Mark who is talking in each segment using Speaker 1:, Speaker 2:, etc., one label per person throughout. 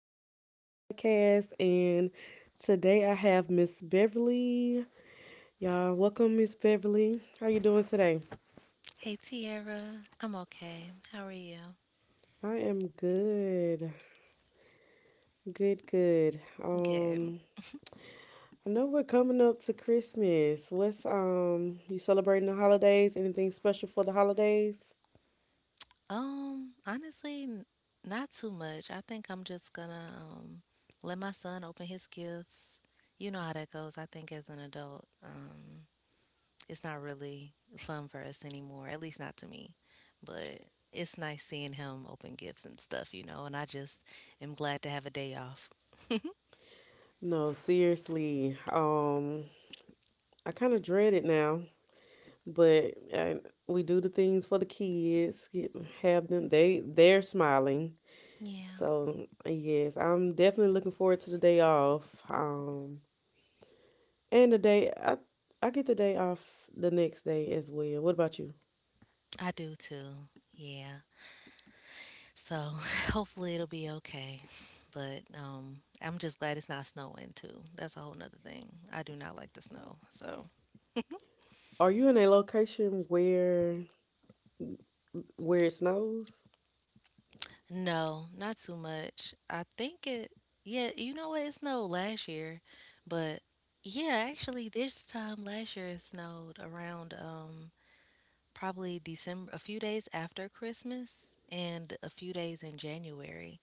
Speaker 1: Welcome to my podcast. And today I have Miss Beverly. Y'all, welcome Miss Beverly. How you doing today?
Speaker 2: Hey Tierra, I'm okay. How are you?
Speaker 1: I am good. Good, good.
Speaker 2: Good.
Speaker 1: I know we're coming up to Christmas. What's you celebrating the holidays? Anything special for the holidays?
Speaker 2: Honestly, not too much. I think I'm just gonna let my son open his gifts. You know how that goes. I think as an adult, it's not really fun for us anymore, at least not to me. But it's nice seeing him open gifts and stuff, and I just am glad to have a day off.
Speaker 1: No, seriously. I kind of dread it now, but we do the things for the kids, have them they're smiling.
Speaker 2: Yeah,
Speaker 1: So yes, I'm definitely looking forward to the day off. And the day I get the day off the next day as well. What about you?
Speaker 2: I do too. Yeah. So hopefully it'll be okay. But I'm just glad it's not snowing too. That's a whole nother thing. I do not like the snow. So
Speaker 1: Are you in a location where it snows?
Speaker 2: no, not too much. I think it. Yeah, you know what? It snowed last year, but yeah, actually this time last year it snowed around probably December, a few days after Christmas and a few days in January.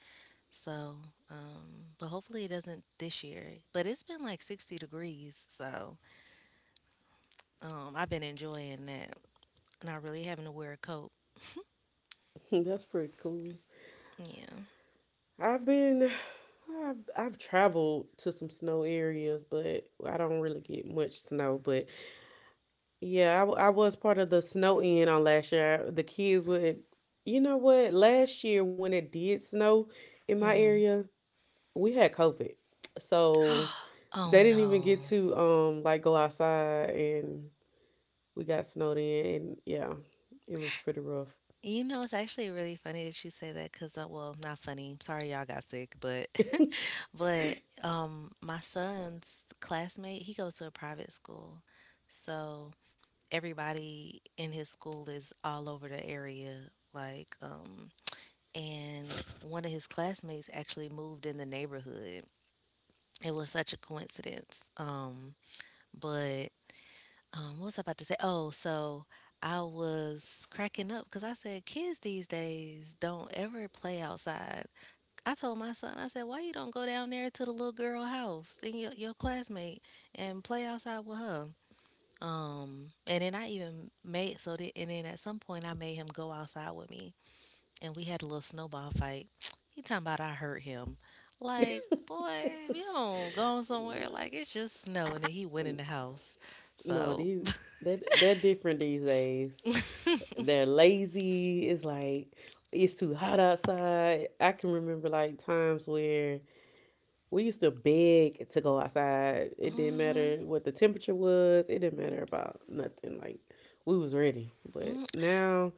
Speaker 2: So but hopefully it doesn't this year. But it's been like 60 degrees, so I've been enjoying that, not really having to wear a coat.
Speaker 1: That's pretty cool.
Speaker 2: Yeah.
Speaker 1: I've been I've traveled to some snow areas, but I don't really get much snow. But yeah, I was part of the snow in on last year. The kids would, you know what? Last year when it did snow in my
Speaker 2: Hmm.
Speaker 1: area, we had COVID. So
Speaker 2: Oh
Speaker 1: they didn't even
Speaker 2: no.
Speaker 1: get to like go outside and we got snowed in and yeah, it was pretty rough.
Speaker 2: You know, it's actually really funny that you say that because, well, not funny. Sorry, y'all got sick, but, but, my son's classmate, he goes to a private school, so everybody in his school is all over the area, like, and one of his classmates actually moved in the neighborhood. It was such a coincidence. But what was I about to say? Oh, so I was cracking up because I said kids these days don't ever play outside. I told my son, I said, why you don't go down there to the little girl house and your classmate and play outside with her? And then I even made so that, and then at some point I made him go outside with me, and we had a little snowball fight. He talking about I hurt him, like boy, if you don't go somewhere like it's just snow, and then he went in the house.
Speaker 1: No,
Speaker 2: So,
Speaker 1: these they're different these days. They're lazy. It's like it's too hot outside. I can remember like times where we used to beg to go outside. It didn't
Speaker 2: mhm.
Speaker 1: matter what the temperature was. It didn't matter about nothing. Like we was ready. But
Speaker 2: Mm,
Speaker 1: now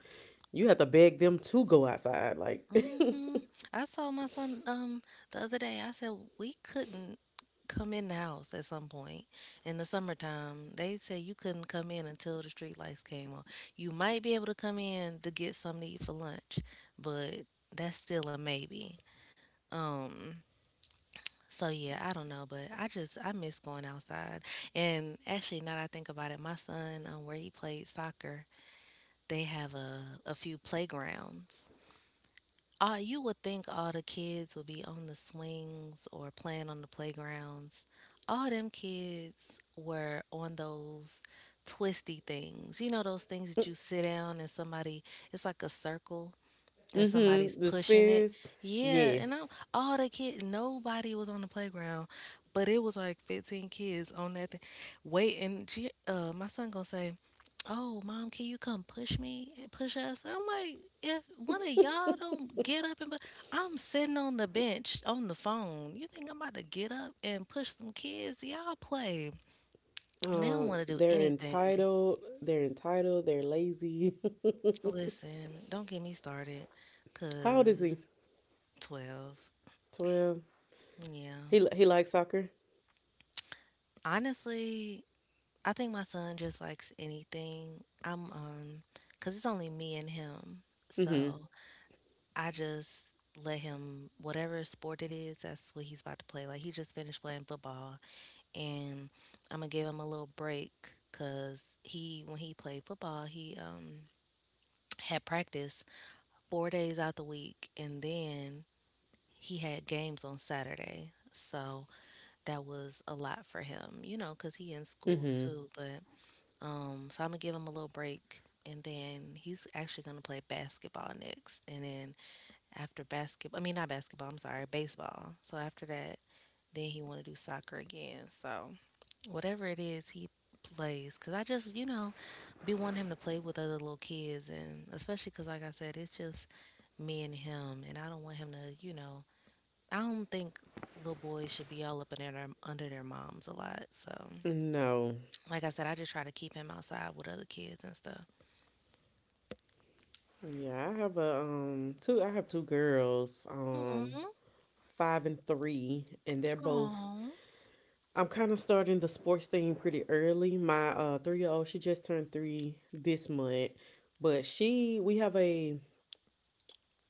Speaker 1: you have to beg them to go outside. Like,
Speaker 2: mhm. I told my son the other day. I said we couldn't come in the house at some point in the summertime. They said you couldn't come in until the street lights came on. You might be able to come in to get something to eat for lunch, but that's still a maybe. Um. So yeah, I don't know, but I just I miss going outside. And actually, now that I think about it, my son where he played soccer, they have a few playgrounds. You would think all the kids would be on the swings or playing on the playgrounds. All them kids were on those twisty things. You know, those things that you sit down and somebody, it's like a circle and somebody's
Speaker 1: mm-hmm, the
Speaker 2: pushing it.
Speaker 1: spins,
Speaker 2: Yeah, and I'm
Speaker 1: yes.
Speaker 2: all the kids, nobody was on the playground, but it was like 15 kids on that thing. Wait, and my son gonna say, oh mom can you come push me and push us. I'm like if one of y'all don't get up and but I'm sitting on the bench on the phone, you think I'm about to get up and push some kids? Y'all play. They don't want to do
Speaker 1: They're
Speaker 2: anything.
Speaker 1: entitled. They're entitled. They're lazy.
Speaker 2: Listen, don't get me started
Speaker 1: How old is
Speaker 2: because.
Speaker 1: he?
Speaker 2: 12.
Speaker 1: 12.
Speaker 2: Yeah,
Speaker 1: He likes soccer.
Speaker 2: honestly I think my son just likes anything. I'm Because it's only me and him,
Speaker 1: Mm-hmm.
Speaker 2: so I just let him whatever sport it is, that's what he's about to play. Like he just finished playing football and I'm gonna give him a little break cuz he when he played football, he had practice 4 days out the week and then he had games on Saturday. So that was a lot for him, you know, cuz he in school
Speaker 1: Mm-hmm.
Speaker 2: too, but so I'm gonna give him a little break and then he's actually gonna play basketball next and then after basketball. I mean, not basketball, I'm sorry, baseball. So after that, then he want to do soccer again. So whatever it is, he plays. Because I just, you know, be wanting him to play with other little kids. And especially because, like I said, it's just me and him. And I don't want him to, you know, I don't think little boys should be all up in under their moms a lot. So,
Speaker 1: No.
Speaker 2: like I said, I just try to keep him outside with other kids and stuff.
Speaker 1: Yeah, I have a two. I have two girls.
Speaker 2: Mm-hmm.
Speaker 1: Five and three, and they're both.
Speaker 2: Oh.
Speaker 1: I'm kind of starting the sports thing pretty early. My 3 year old, she just turned three this month, but she we have a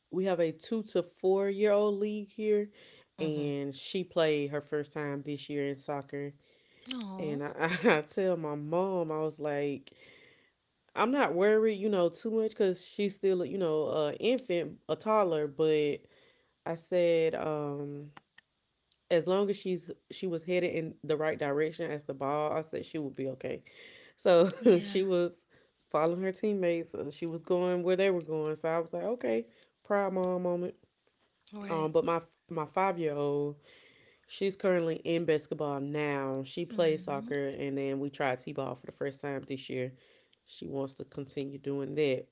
Speaker 1: 2 to 4 year old league here,
Speaker 2: Mm-hmm.
Speaker 1: and she played her first time this year in soccer. And
Speaker 2: Oh.
Speaker 1: I, I tell my mom, I was like, I'm not worried, you know, too much because she's still, you know, a infant, a toddler. But I said, as long as she was headed in the right direction as the ball, I said she would be okay. So
Speaker 2: Yeah.
Speaker 1: she was following her teammates. She was going where they were going. So I was like, okay, proud mom moment.
Speaker 2: Right.
Speaker 1: But my 5 year old, she's currently in basketball now. She plays
Speaker 2: Hmm.
Speaker 1: soccer, and then we tried t ball for the first time this year. She wants to continue doing that,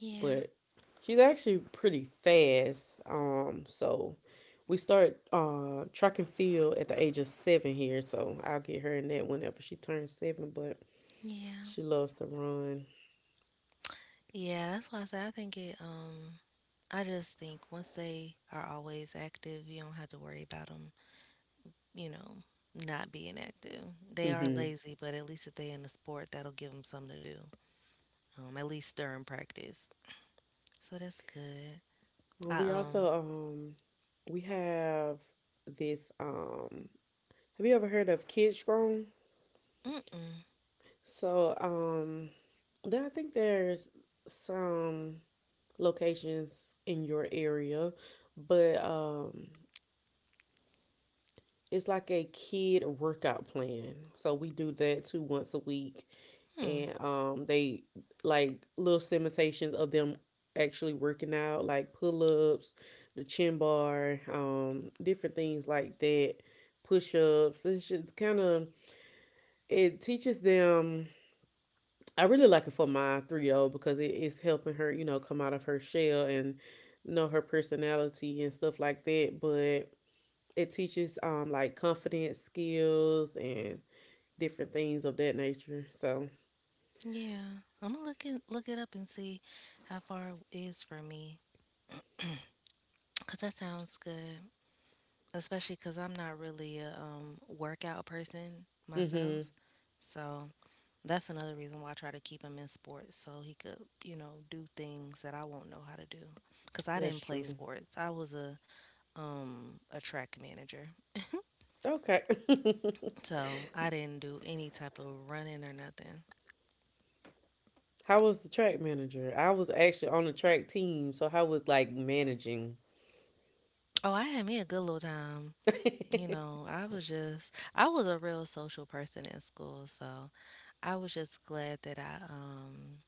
Speaker 2: Yeah,
Speaker 1: but she's actually pretty fast. So we start track and field at the age of seven here. So I'll get her in that whenever she turns seven. But
Speaker 2: yeah,
Speaker 1: she loves to run.
Speaker 2: yeah. That's why I say I think it. I just think once they are always active, you don't have to worry about them. You know, not being active. They are
Speaker 1: Mm-hmm.
Speaker 2: lazy, but at least if they in the sport, that'll give them something to do. At least during practice. So that's good.
Speaker 1: Well,
Speaker 2: I
Speaker 1: we
Speaker 2: um.
Speaker 1: also we have this. Have you ever heard of Kids Grown?
Speaker 2: Mm mm.
Speaker 1: So um, then I think there's some locations in your area, but it's like a kid workout plan. So we do that too once a week.
Speaker 2: Hmm.
Speaker 1: And they like little imitations of them actually working out, like pull ups, the chin bar, different things like that, push ups. It's just kind of it teaches them. I really like it for my 3 year old because it is helping her, you know, come out of her shell and know her personality and stuff like that. But it teaches like confidence skills and different things of that nature. So,
Speaker 2: Yeah. I'm gonna look it up and see how far it is from me. Cause that sounds good. Especially because I'm not really a workout person myself.
Speaker 1: mhm,
Speaker 2: So that's another reason why I try to keep him in sports so he could, you know, do things that I won't know how to do. Because I
Speaker 1: that's
Speaker 2: didn't play
Speaker 1: true.
Speaker 2: sports. I was a track manager,
Speaker 1: Okay.
Speaker 2: so I didn't do any type of running or nothing.
Speaker 1: How was the track manager? I was actually on the track team, so how was like managing?
Speaker 2: Oh, I had me a good little time. You know, I was a real social person in school, so I was just glad that I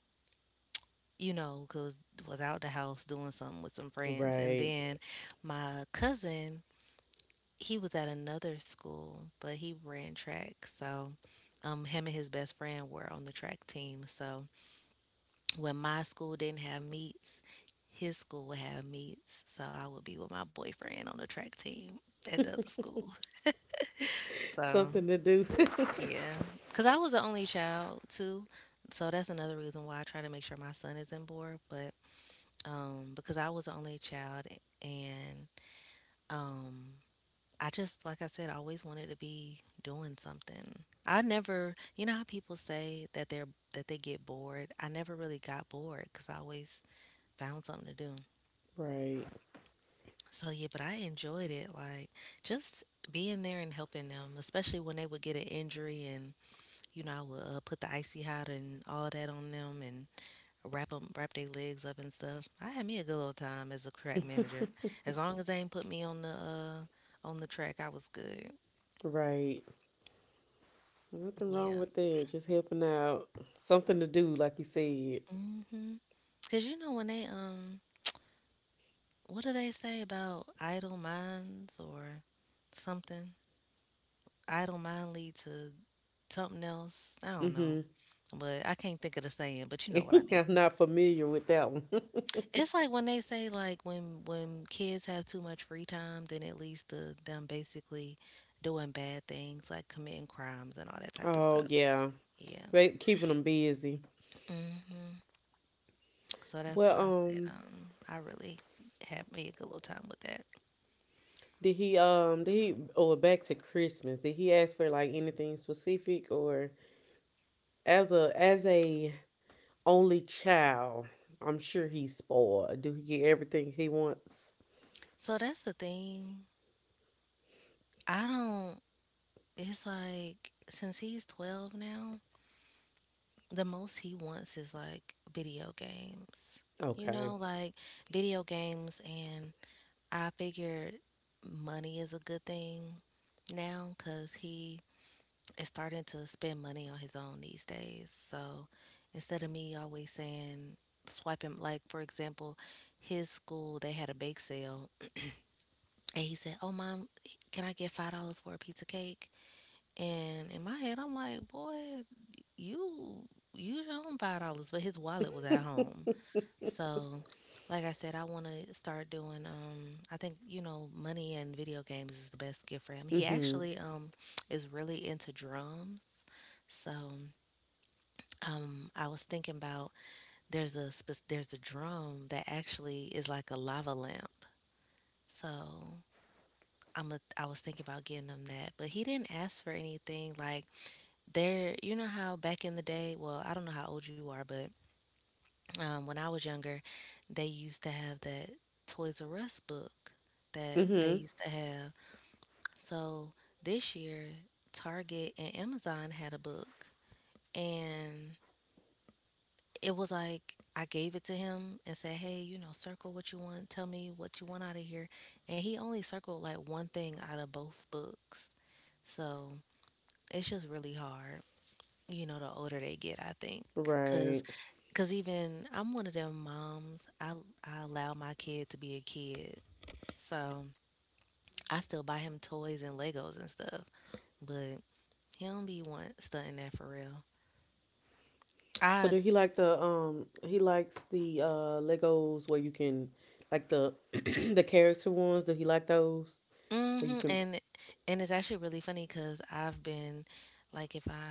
Speaker 2: you know, cause was out the house doing something with some friends. And
Speaker 1: Right.
Speaker 2: then my cousin, he was at another school, but he ran track. So him and his best friend were on the track team. So when my school didn't have meets, his school would have meets. So I would be with my boyfriend on the track team at the other school. So
Speaker 1: Something to do.
Speaker 2: yeah, because I was the only child too. So that's another reason why I try to make sure my son is in board. But because I was the only child, and um, I just, like I said, I always wanted to be doing something. I never, you know how people say that they get bored. I never really got bored because I always found something to do.
Speaker 1: Right.
Speaker 2: So yeah, but I enjoyed it, like just being there and helping them, especially when they would get an injury, and you know I would put the icy hot and all that on them, and wrap their legs up and stuff. I had me a good old time as a track manager. As long as they ain't put me on the track, I was good.
Speaker 1: Right. Nothing wrong
Speaker 2: Yeah.
Speaker 1: with that. Just helping out. Something to do, like you said.
Speaker 2: Mhm. Cause you know when they what do they say about idle minds or something? Idle mind lead to something else. I don't know, but I can't think of the saying. But you know what I
Speaker 1: Mm-hmm.
Speaker 2: mean.
Speaker 1: I'm not familiar with that one.
Speaker 2: It's like when they say like when kids have too much free time, then it leads to them basically doing bad things like committing crimes and all that type of
Speaker 1: Oh
Speaker 2: stuff.
Speaker 1: yeah.
Speaker 2: Yeah.
Speaker 1: They keeping them busy.
Speaker 2: Hmm. So that's why
Speaker 1: Well,
Speaker 2: I said I really had me a good little time with that.
Speaker 1: did he or back to Christmas? Did he ask for like anything specific or as a only child? I'm sure he's spoiled. Do he get everything he wants?
Speaker 2: So that's the thing. I don't it's like since he's 12 now, the most he wants is like video games. You know,
Speaker 1: Okay.
Speaker 2: like video games and I figured money is a good thing now because he is starting to spend money on his own these days. So instead of me always saying, swipe him, like for example, his school, they had a bake sale. And he said, Oh, mom, can I get $5 for a pizza cake? And in my head, I'm like, Boy, you use your own $5. But his wallet was at home. So, like I said, I want to start doing. I think you know, money and video games is the best gift for him. He
Speaker 1: Mhm.
Speaker 2: actually is really into drums. So, I was thinking about there's a drum that actually is like a lava lamp. So. I'm a, I was thinking about getting him that, but he didn't ask for anything. Like there, you know how back in the day, well, I don't know how old you are, but when I was younger, they used to have that Toys R Us book that they
Speaker 1: Mhm.
Speaker 2: used to have. So this year, Target and Amazon had a book, and it was like I gave it to him and said, "Hey, you know, circle what you want. Tell me what you want out of here." And he only circled like one thing out of both books. So it's just really hard, you know, the older they get, I think. cause,
Speaker 1: Right.
Speaker 2: cause even I'm one of them moms. I allow my kid to be a kid, so I still buy him toys and Legos and stuff. But he don't be want stunting that for real.
Speaker 1: So
Speaker 2: I
Speaker 1: do he like the he likes the Legos where you can like the the character ones? Do he like those where you
Speaker 2: hmm
Speaker 1: can
Speaker 2: and And it's actually really funny because I've been like if I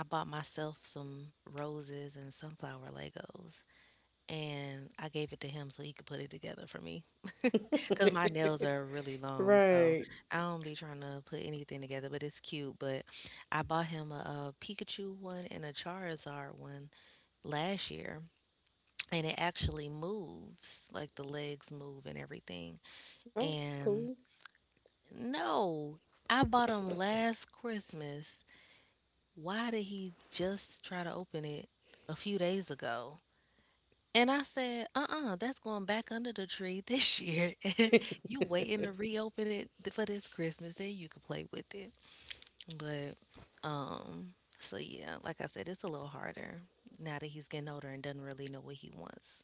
Speaker 2: I bought myself some roses and sunflower Legos, and I gave it to him so he could put it together for me, cause my nails are really long, so
Speaker 1: right.
Speaker 2: I don't be trying to put anything together, but it's cute. But I bought him a, Pikachu one and a Charizard one last year, and it actually moves, like the legs move and everything.
Speaker 1: Oh, that's
Speaker 2: And
Speaker 1: cool.
Speaker 2: no, I bought him last Christmas. Why did he just try to open it a few days ago? And I said, "Uh-uh, that's going back under the tree this year, and
Speaker 1: I
Speaker 2: you waiting to reopen it for this Christmas, then you can play with it." But, so yeah, like I said, it's a little harder now that he's getting older and doesn't really know what he wants.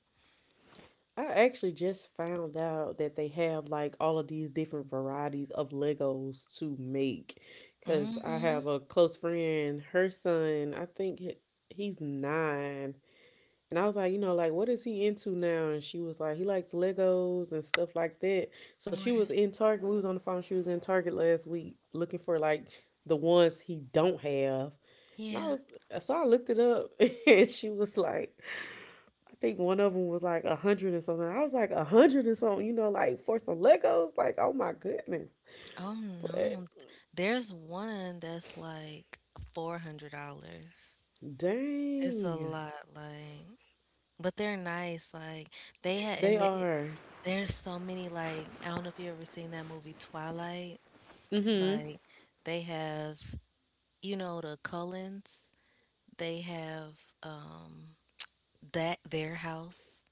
Speaker 1: actually just found out that they have like all of these different varieties of Legos to make. Cause I have
Speaker 2: Mm-hmm.
Speaker 1: a close friend, her son, I think he's nine, and I was like, you know, like what is he into now? And she was like, he likes Legos and stuff like that. So she was
Speaker 2: Right.
Speaker 1: in Target. We was on the phone. She was in Target last week looking for like the ones he don't have. And I
Speaker 2: Yeah.
Speaker 1: was so I looked it up, and she was like, I think one of them was like a hundred and something. I was like a hundred and something, you know, like for some Legos. Like, oh my goodness!
Speaker 2: Oh
Speaker 1: But
Speaker 2: no. There's one that's like $400. It's a
Speaker 1: dang,
Speaker 2: lot, like, but they're nice. Like they had,
Speaker 1: they
Speaker 2: and it,
Speaker 1: are.
Speaker 2: There's so many like I don't know if you ever seen that movie Twilight.
Speaker 1: Mm hmm.
Speaker 2: Like they have you know the Cullens. They have that their house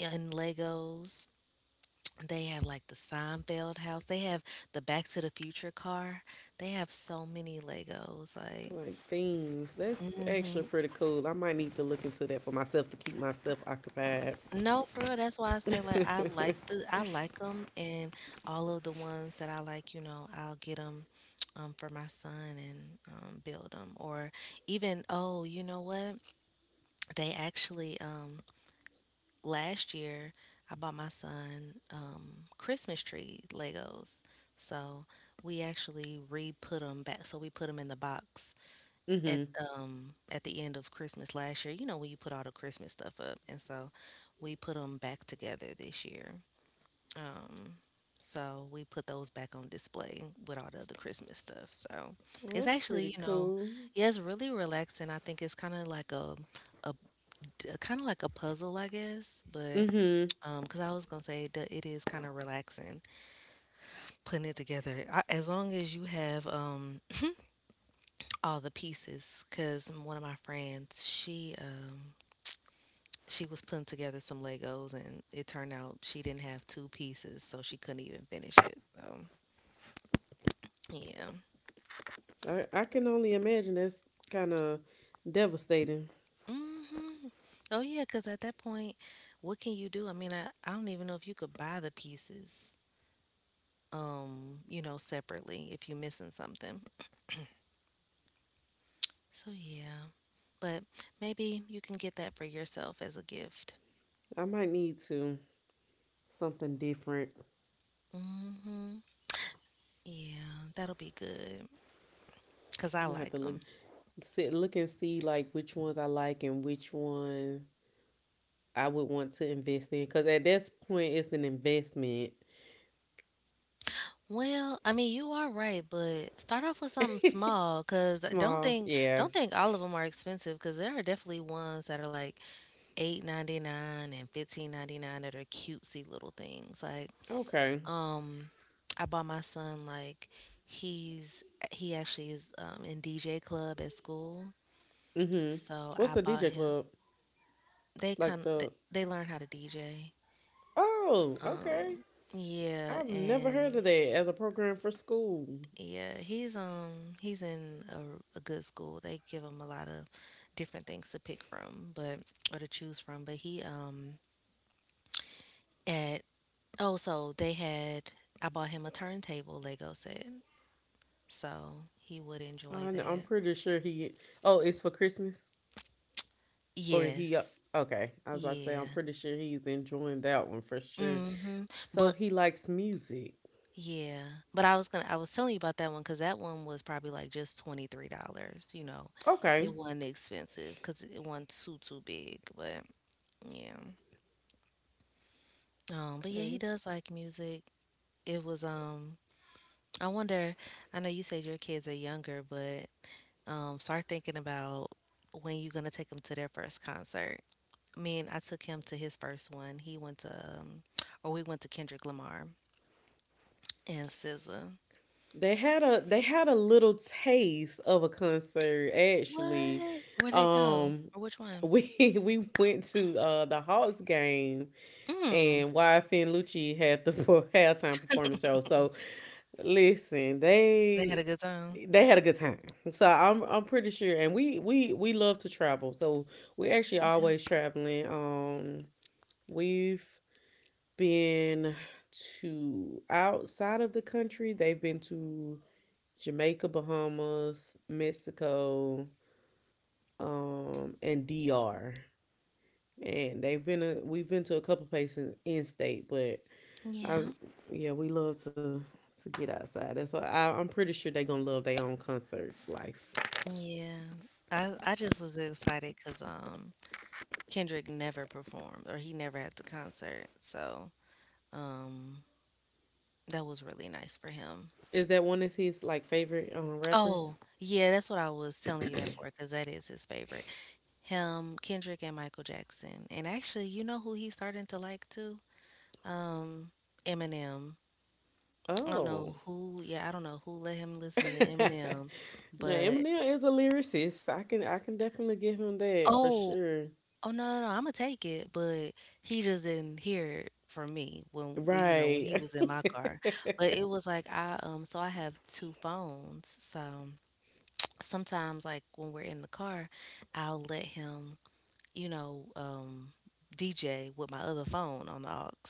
Speaker 2: in Legos. They have like the Seinfeld house. They have the Back to the Future car. They have so many Legos. Like
Speaker 1: Like themes. That's actually
Speaker 2: mhm.
Speaker 1: pretty cool. I might need to look into that for myself to keep myself occupied.
Speaker 2: No, for real. That's why I said like I like them, and all of the ones that I like, you know, I'll get them for my son and build them. Or even, oh, you know what? They actually last year I bought my son Christmas tree Legos. So we actually re-put them back. So we put them in the box at
Speaker 1: Mm-hmm.
Speaker 2: at the end of Christmas last year, you know, when you put all the Christmas stuff up, and so we put them back together this year. Um, so we put those back on display with all the other Christmas stuff. So
Speaker 1: Well,
Speaker 2: it's
Speaker 1: that's pretty
Speaker 2: actually, you know,
Speaker 1: cool.
Speaker 2: yeah, it's really relaxing. I think it's kind of like a a, kind of like a puzzle, I guess. But
Speaker 1: Mm-hmm.
Speaker 2: Because I was gonna say that it is kind of relaxing putting it together. I, as long as you have all the pieces, because one of my friends, she was putting together some Legos and it turned out she didn't have two pieces, so she couldn't even finish it. So, yeah.
Speaker 1: I can only imagine that's kind of devastating.
Speaker 2: Hmm. Oh, yeah, because at that point, what can you do? I mean, I don't even know if you could buy the pieces, you know, separately if you're missing something. So, yeah. But maybe you can get that for yourself as a gift.
Speaker 1: I might need to something different.
Speaker 2: Hmm. Yeah, that'll be good because I
Speaker 1: I'm gonna have to
Speaker 2: like
Speaker 1: look
Speaker 2: 'em.
Speaker 1: sit look and see like which ones I like and which one I would want to invest in. Cause at this point it's an investment.
Speaker 2: Well, I mean, you are right, but start off with something small, small, 'cause I
Speaker 1: Small, yeah.
Speaker 2: don't think all of them are expensive, cause there are definitely ones that are like 8.99 and 15.99 that are cutesy little things. Like,
Speaker 1: Okay.
Speaker 2: um, I bought my son like he's he actually is in DJ club at school,
Speaker 1: Mm-hmm.
Speaker 2: so
Speaker 1: What's
Speaker 2: I
Speaker 1: the
Speaker 2: bought
Speaker 1: DJ
Speaker 2: him.
Speaker 1: club?
Speaker 2: They
Speaker 1: Like
Speaker 2: kind
Speaker 1: the
Speaker 2: they learn how to DJ.
Speaker 1: oh, okay.
Speaker 2: Um, yeah,
Speaker 1: I've never heard
Speaker 2: and
Speaker 1: of that as a program for school.
Speaker 2: Yeah, he's in a good school. They give him a lot of different things to pick from, but or to choose from. But he at oh so they had I bought him a turntable Lego set, so he would enjoy
Speaker 1: I'm
Speaker 2: that.
Speaker 1: pretty sure he. Oh, it's for Christmas or he.
Speaker 2: Yes.
Speaker 1: Okay, I was about to say I'm
Speaker 2: Yeah.
Speaker 1: pretty sure he's enjoying that one for sure.
Speaker 2: Mm-hmm.
Speaker 1: So
Speaker 2: But
Speaker 1: he likes music.
Speaker 2: yeah, but I was telling you about that one because that one was probably like just $23. You know, it
Speaker 1: Okay,
Speaker 2: wasn't expensive because it wasn't too too big. But yeah. But yeah, he
Speaker 1: okay.
Speaker 2: does like music. It was I wonder, I know you said your kids are younger, but start thinking about when you're gonna take them to their first concert. I mean, I took him to his first one. He went to um or we went to Kendrick Lamar and SZA.
Speaker 1: They had a little taste of a concert actually.
Speaker 2: What? Where'd they go?
Speaker 1: Um,
Speaker 2: Or which one?
Speaker 1: we we went to the Hawks game
Speaker 2: Mm.
Speaker 1: and YFN Lucci had the halftime performance show. So listen,
Speaker 2: They had a good time.
Speaker 1: they had a good time. So I'm pretty sure. And we love to travel. So we actually
Speaker 2: Yeah.
Speaker 1: always traveling. We've been to outside of the country. They've been to Jamaica, Bahamas, Mexico, and DR. And they've been we've been to a couple places in state, but I
Speaker 2: Yeah.
Speaker 1: yeah, we love to get outside. That's why I'm pretty sure they gonna love their own concert life.
Speaker 2: Yeah. I just was excited because Kendrick never performed, or he never had the concert. So um, that was really nice for him.
Speaker 1: Is that one of his like favorite
Speaker 2: Oh,
Speaker 1: rappers?
Speaker 2: yeah, that's what I was telling you that for, because that is his favorite. Him, Kendrick, and Michael Jackson. And actually, you know who he's starting to like too? Um, Eminem. I don't
Speaker 1: Oh,
Speaker 2: know who, yeah, I don't know who let him listen to
Speaker 1: now
Speaker 2: Eminem, but
Speaker 1: Eminem is a lyricist. I can definitely give him that for
Speaker 2: oh,
Speaker 1: sure.
Speaker 2: oh no, no, no, I'm gonna take it, but he just didn't hear it from me when we, you know, when he
Speaker 1: Right,
Speaker 2: was in my car. But it was like I so I have two phones, so sometimes like when we're in the car, I'll let him, you know, DJ with my other phone on the aux,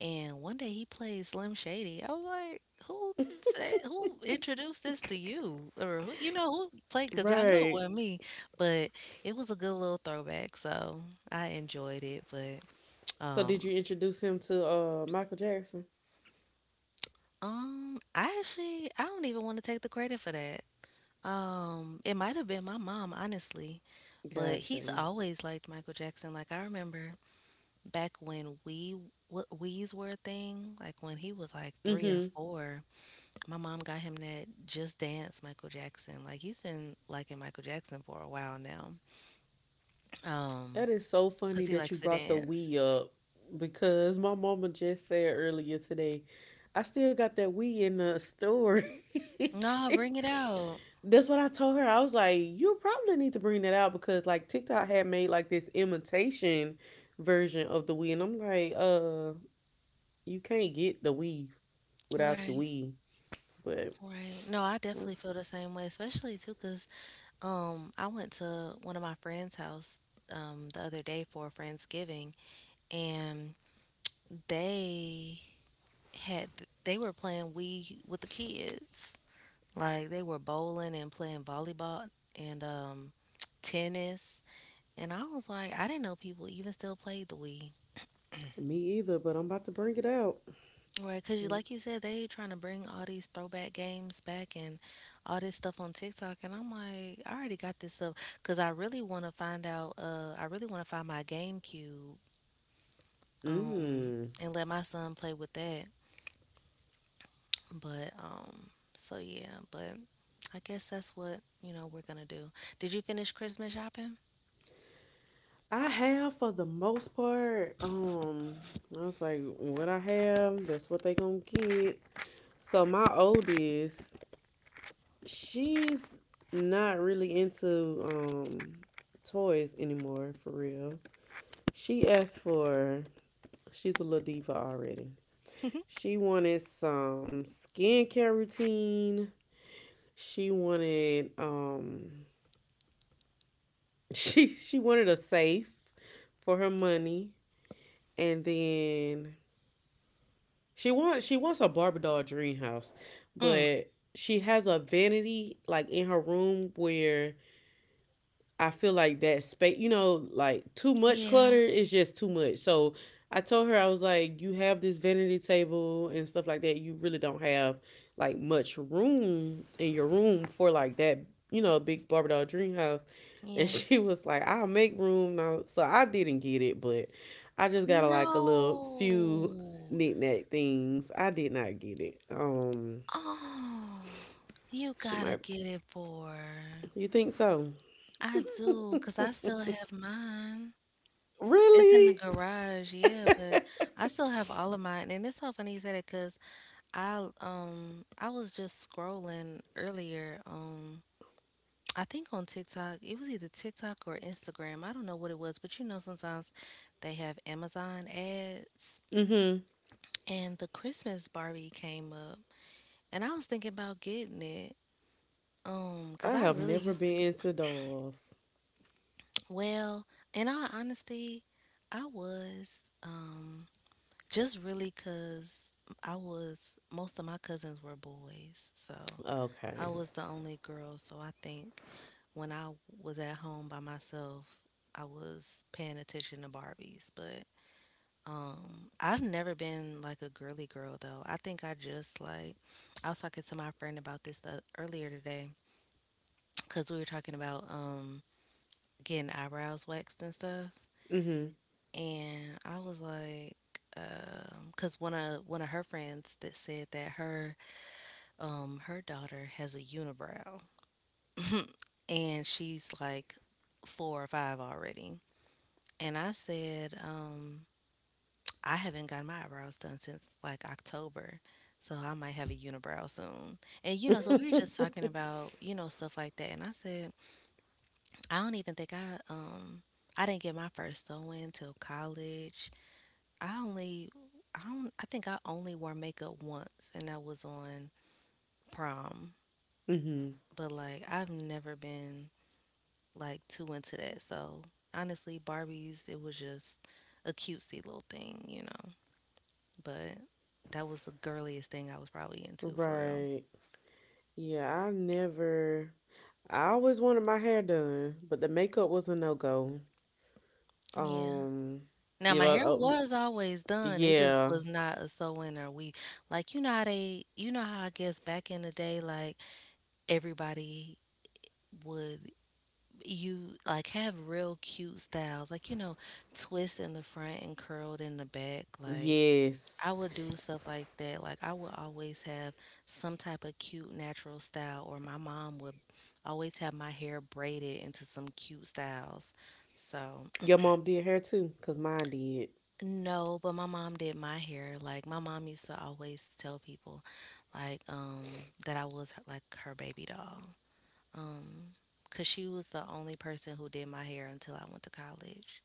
Speaker 2: and one day he played Slim Shady. I was like, who said who introduced this to you? Or who, you know, who played? Because I know it
Speaker 1: right.
Speaker 2: wasn't me. But it was a good little throwback, so I enjoyed it. But
Speaker 1: So did
Speaker 2: um,
Speaker 1: you introduce him to Michael Jackson?
Speaker 2: I actually, I don't even want to take the credit for that. It might have been my mom, honestly, but
Speaker 1: Gotcha.
Speaker 2: he's always liked Michael Jackson. Like, I remember back when we what We's were a thing, like when he was like three or
Speaker 1: Mm-hmm.
Speaker 2: four, my mom got him that Just Dance Michael Jackson. Like, he's been liking Michael Jackson for a while now.
Speaker 1: That
Speaker 2: Um,
Speaker 1: is so funny
Speaker 2: 'Cause he
Speaker 1: that you
Speaker 2: likes to
Speaker 1: brought the
Speaker 2: dance.
Speaker 1: we up because my mama just said earlier today, I still got that we in the storage.
Speaker 2: No, bring it out.
Speaker 1: That's what I told her. I was like, you probably need to bring that out because like TikTok had made like this imitation version of the Wii, and I'm like, you can't get the Wii without the
Speaker 2: Right,
Speaker 1: Wii. But
Speaker 2: right. No, I
Speaker 1: that's
Speaker 2: definitely feel the same way, especially too, 'cause I went to one of my friend's house the other day for a Friendsgiving, and they had they were playing Wii with the kids. Like, they were bowling and playing volleyball and tennis. And I was like, I didn't know people even still played the Wii.
Speaker 1: me either. But I'm about to bring it out.
Speaker 2: Right, because you, like you said, they trying to bring all these throwback games back and all this stuff on TikTok, and I'm like, I already got this up because I really want to find out. I really want to find my GameCube, um,
Speaker 1: Mm.
Speaker 2: and let my son play with that. But so yeah, but I guess that's what, you know, we're gonna do. Did you finish Christmas shopping?
Speaker 1: I have for the most part. I was like, what I have, that's what they gonna get. So my oldest, she's not really into toys anymore for real. She asked for she's a little diva already. She wanted some skincare routine. She wanted she wanted a safe for her money, and then she wants she wants a Barbie doll dream house,
Speaker 2: Mm.
Speaker 1: but she has a vanity like in her room where I feel like that space, you know, like too much clutter
Speaker 2: Yeah,
Speaker 1: is just too much. So I told her, I was like, you have this vanity table and stuff like that. You really don't have like much room in your room for like that, you know, big Barbie doll dream house. And
Speaker 2: yeah.
Speaker 1: she was like, I'll make room now. So I didn't get it, but I just got like a little few
Speaker 2: No.
Speaker 1: knickknack things. I did not get it.
Speaker 2: Oh, you
Speaker 1: She
Speaker 2: gotta
Speaker 1: might,
Speaker 2: get it for her.
Speaker 1: you think so?
Speaker 2: I do, cause I still have mine. It's in the
Speaker 1: Really?
Speaker 2: garage, yeah, but I still have all of mine. And it's so funny you said it, cause I was just scrolling earlier, um. I think on TikTok, it was either TikTok or Instagram, I don't know what it was, but you know, sometimes they have Amazon ads.
Speaker 1: Mm hmm.
Speaker 2: And the Christmas Barbie came up, and I was thinking about getting it. 'Cause
Speaker 1: I
Speaker 2: I
Speaker 1: have
Speaker 2: really
Speaker 1: never
Speaker 2: used to
Speaker 1: been
Speaker 2: be,
Speaker 1: into dolls.
Speaker 2: well, in all honesty, I was, just really 'cause I was, most of my cousins were boys. So I
Speaker 1: Okay.
Speaker 2: was the only girl, so I think when I was at home by myself, I was paying attention to Barbies. But I've never been like a girly girl though. I think I just like I was talking to my friend about this earlier today because we were talking about getting eyebrows waxed and stuff,
Speaker 1: Mhm.
Speaker 2: and I was like, um, because one of her friends that said that her her daughter has a unibrow, and she's like four or five already. And I said, I haven't gotten my eyebrows done since like October. So I might have a unibrow soon. And you know, so we were just talking about, you know, stuff like that. And I said, I don't even think I didn't get my first sew in till college. I only I don't, I think I only wore makeup once, and that was on prom.
Speaker 1: mhm.
Speaker 2: But like, I've never been like too into that. So honestly, Barbies, it was just a cutesy little thing, you know. But that was the girliest thing I was probably into for real.
Speaker 1: Right. Yeah, I never I always wanted my hair done, but the makeup was a no-go.
Speaker 2: Yeah.
Speaker 1: Um,
Speaker 2: Now
Speaker 1: you
Speaker 2: my
Speaker 1: know,
Speaker 2: hair was always done. It just
Speaker 1: yeah.
Speaker 2: was not a sew in or weave. Like, you know how they, you know how, I guess back in the day like everybody would, you like have real cute styles like, you know, twist in the front and curled in the back. Like,
Speaker 1: Yes.
Speaker 2: I would do stuff like that. Like, I would always have some type of cute natural style, or my mom would always have my hair braided into some cute styles. So
Speaker 1: Your mom did hair too, cause mine did.
Speaker 2: no, but my mom did my hair. Like, my mom used to always tell people, like um, that I was her, like her baby doll. Um, Cause she was the only person who did my hair until I went to college.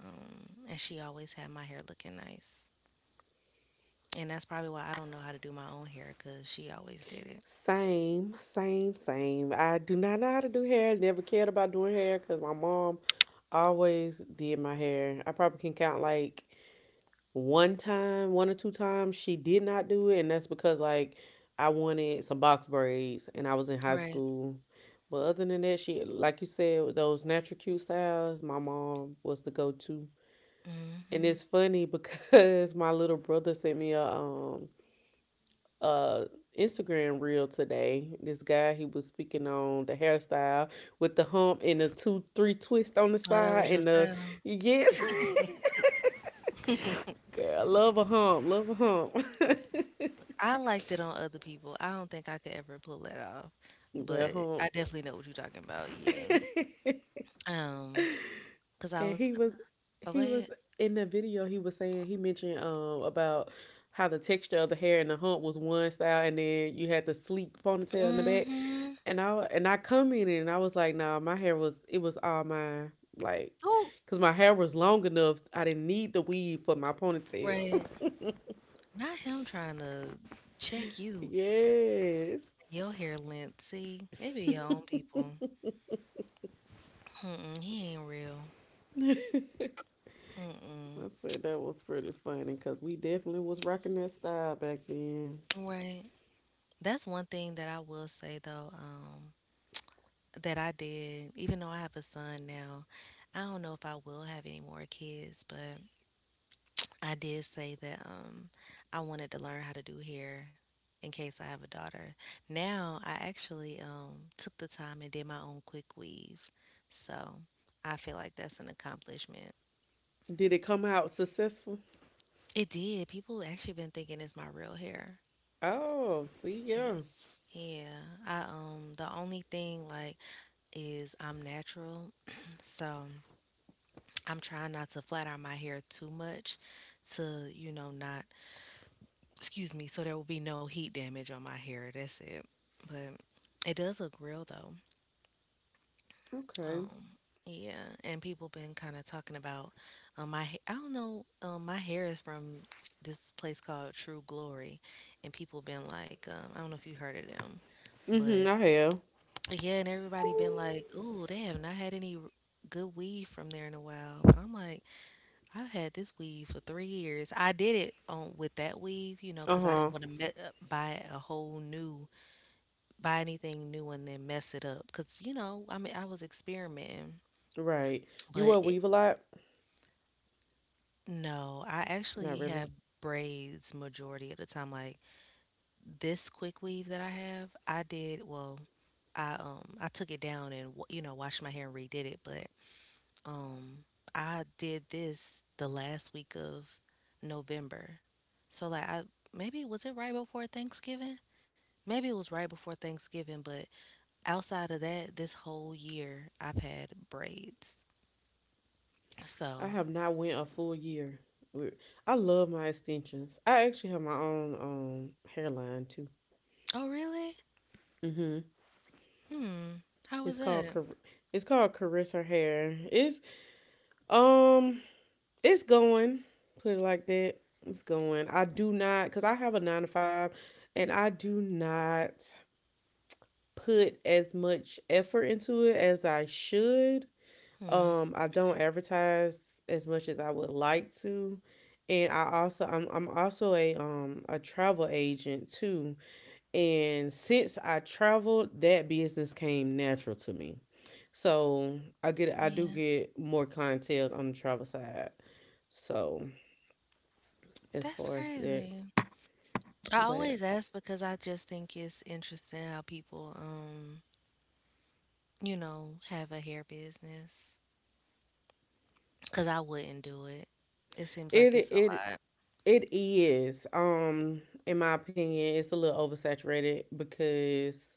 Speaker 2: And she always had my hair looking nice. And that's probably why I don't know how to do my own hair because she always did it.
Speaker 1: Same, same, same. I do not know how to do hair. Never cared about doing hair, cause my mom always did my hair. I probably can count like one time, one or two times, she did not do it, and that's because, like, I wanted some box braids, and I was in high
Speaker 2: Right.
Speaker 1: school. But other than that, she, like you said, with those natural cute styles, my mom was the go-to. And
Speaker 2: Mhm.
Speaker 1: it's funny because my little brother sent me a Instagram reel today. This guy, he was speaking on the hairstyle with the hump and the 2-3 twist on the
Speaker 2: Oh, that was
Speaker 1: side
Speaker 2: your
Speaker 1: and the…
Speaker 2: style.
Speaker 1: Yes. Girl, love a hump, love a hump.
Speaker 2: I liked it on other people. I don't think I could ever pull that off,
Speaker 1: The
Speaker 2: but
Speaker 1: home.
Speaker 2: I definitely know what you're talking about. Yeah. Um. Cause I
Speaker 1: And
Speaker 2: was
Speaker 1: he
Speaker 2: gonna
Speaker 1: was
Speaker 2: Oh, go
Speaker 1: he
Speaker 2: ahead.
Speaker 1: was in the video. He was saying, he mentioned about how the texture of the hair and the hump was one style, and then you had the sleek ponytail in the back.
Speaker 2: Mhm.
Speaker 1: And I commented and I was like, nah, my hair was, it was all mine. Like,
Speaker 2: Oh,
Speaker 1: because my hair was long enough, I didn't need the weave for my
Speaker 2: right.
Speaker 1: ponytail.
Speaker 2: Not him trying to check you.
Speaker 1: Yes.
Speaker 2: Your hair length. See, it be your own people. Mm-mm, he ain't real. Mm-mm.
Speaker 1: I said that was pretty funny because we definitely was rocking that style back then.
Speaker 2: Right. That's one thing that I will say though. That I did, even though I have a son now, I don't know if I will have any more kids, but I did say that I wanted to learn how to do hair in case I have a daughter. Now I actually took the time and did my own quick weave. So I feel like that's an accomplishment.
Speaker 1: Did it come out successful?
Speaker 2: It did. People actually been thinking it's my real hair.
Speaker 1: Oh, see, yeah.
Speaker 2: Ye- Yeah. I the only thing like is I'm natural. So I'm trying not to flat iron my hair too much to, you know, not, excuse me, so there will be no heat damage on my hair. That's it. But it does look real though.
Speaker 1: Okay.
Speaker 2: Yeah, and people been kind of talking about I don't know, my hair is from this place called True Glory, and people been like, I don't know if you heard of them,
Speaker 1: Mm-hmm,
Speaker 2: but
Speaker 1: I have.
Speaker 2: yeah, and everybody been like, oh, they have not had any good weave from there in a while. But I'm like, I've had this weave for 3 years. I did it on with that weave, you know, because I didn't
Speaker 1: Uh-huh.
Speaker 2: wanna me buy a whole new buy anything new and then mess it up. Because you know, I mean, I was experimenting,
Speaker 1: Right. You
Speaker 2: but
Speaker 1: wear
Speaker 2: it.
Speaker 1: weave a lot?
Speaker 2: No, I
Speaker 1: Not
Speaker 2: actually
Speaker 1: really.
Speaker 2: have braids majority of the time, like, this quick weave that I have, I did I took it down and, w you know, washed my hair and redid it, but Um, I did this the last week of November. So like I maybe was it right before Thanksgiving? Maybe it was right before Thanksgiving, but outside of that, this whole year I've had braids.
Speaker 1: I
Speaker 2: So,
Speaker 1: have not went a full year with- I love my extensions. I actually have my own hairline too.
Speaker 2: oh really?
Speaker 1: Mm-hmm.
Speaker 2: Hmm. How was
Speaker 1: It's called
Speaker 2: that?
Speaker 1: Car- it's called Carissa Hair. Um it's going. Put it like that. It's going. I do not, because I have a nine to five and I do not put as much effort into it as I should.
Speaker 2: Hmm.
Speaker 1: I don't advertise as much as I would like to. And I also, I'm also a travel agent too. And since I traveled, that business came natural to me. So I do
Speaker 2: Yeah.
Speaker 1: get more clientele on the travel side. So as
Speaker 2: That's
Speaker 1: far as that,
Speaker 2: crazy. I
Speaker 1: but
Speaker 2: always ask because I just think it's interesting how people, you know, have a hair business cuz I wouldn't do it. It seems
Speaker 1: it
Speaker 2: like it's a
Speaker 1: it
Speaker 2: lot.
Speaker 1: it is, in my opinion, it's a little oversaturated because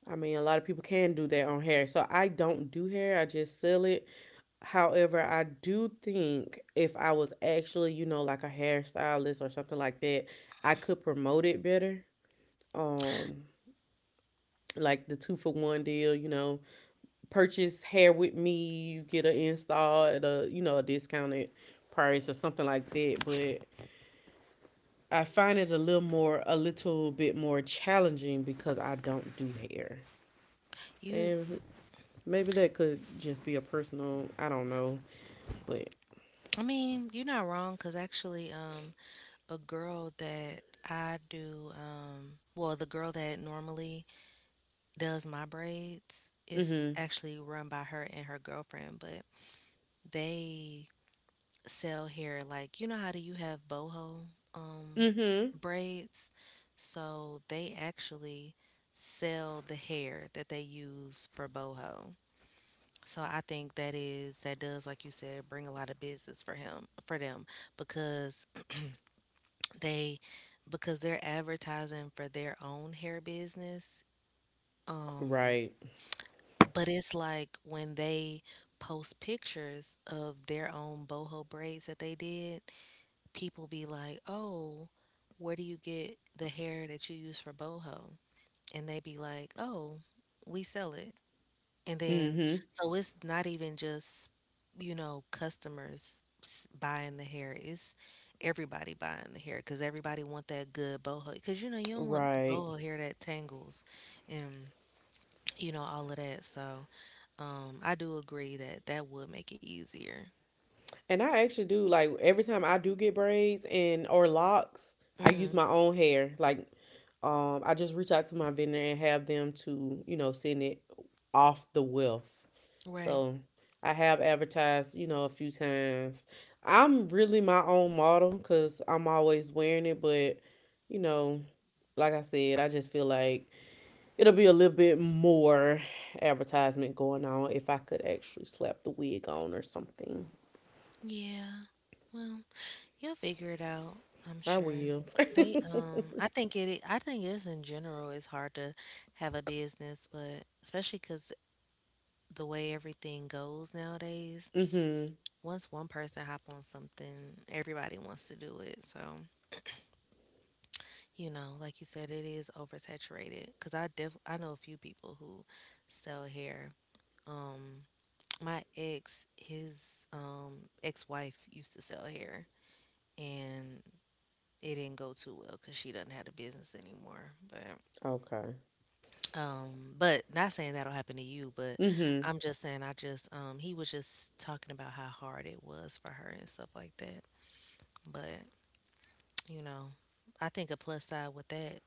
Speaker 1: I mean, a lot of people can do their own hair. So I don't do hair, I just sell it. However, I do think if I was actually, you know, like a hairstylist or something like that, I could promote it better. Um, like the two for one deal, you know, purchase hair with me, you get an install at a, you know, a discounted price or something like that. But I find it a little more, a little bit more challenging because I don't do hair.
Speaker 2: You,
Speaker 1: And maybe that could just be a personal, I don't know, but
Speaker 2: I mean, you're not wrong because actually, a girl that I do, well, the girl that normally does my braids, it's
Speaker 1: mhm.
Speaker 2: actually run by her and her girlfriend, but they sell here, like, you know how do you have boho um
Speaker 1: Mhm.
Speaker 2: braids? So they actually sell the hair that they use for boho. So I think that is that does like you said bring a lot of business for him for them because They because they're advertising for their own hair business. Um,
Speaker 1: Right.
Speaker 2: but it's like when they post pictures of their own boho braids that they did, people be like, "Oh, where do you get the hair that you use for boho?" And they be like, "Oh, we sell it." And then,
Speaker 1: Mhm.
Speaker 2: so it's not even just, you know, customers buying the hair. It's everybody buying the hair because everybody want that good boho. Because, you know, you don't want
Speaker 1: Right.
Speaker 2: boho hair that tangles and, you know, all of that. So I do agree that that would make it easier.
Speaker 1: And I actually do, like every time I do get braids and or locks, I use
Speaker 2: Hmm.
Speaker 1: my own hair. Like, I just reach out to my vendor and have them to, you know, send it off the wealth.
Speaker 2: Right.
Speaker 1: So, I have advertised, you know, a few times. I'm really my own model cuz I'm always wearing it, but you know, like I said, I just feel like it'll be a little bit more advertisement going on if I could actually slap the wig on or something.
Speaker 2: Yeah. Well, you'll figure it out, I'm
Speaker 1: I
Speaker 2: sure.
Speaker 1: will.
Speaker 2: I think it's in general, it's hard to have a business, but especially because the way everything goes nowadays,
Speaker 1: Mhm.
Speaker 2: once one person hop on something, everybody wants to do it. So, you know, like you said, it is oversaturated. Cause I know a few people who sell hair. Um, my ex, his ex wife used to sell hair, and it didn't go too well because she doesn't have a business anymore.
Speaker 1: Okay.
Speaker 2: But not saying that'll happen to you, but
Speaker 1: Mhm.
Speaker 2: I just he was just talking about how hard it was for her and stuff like that. But, you know, I think a plus side with that,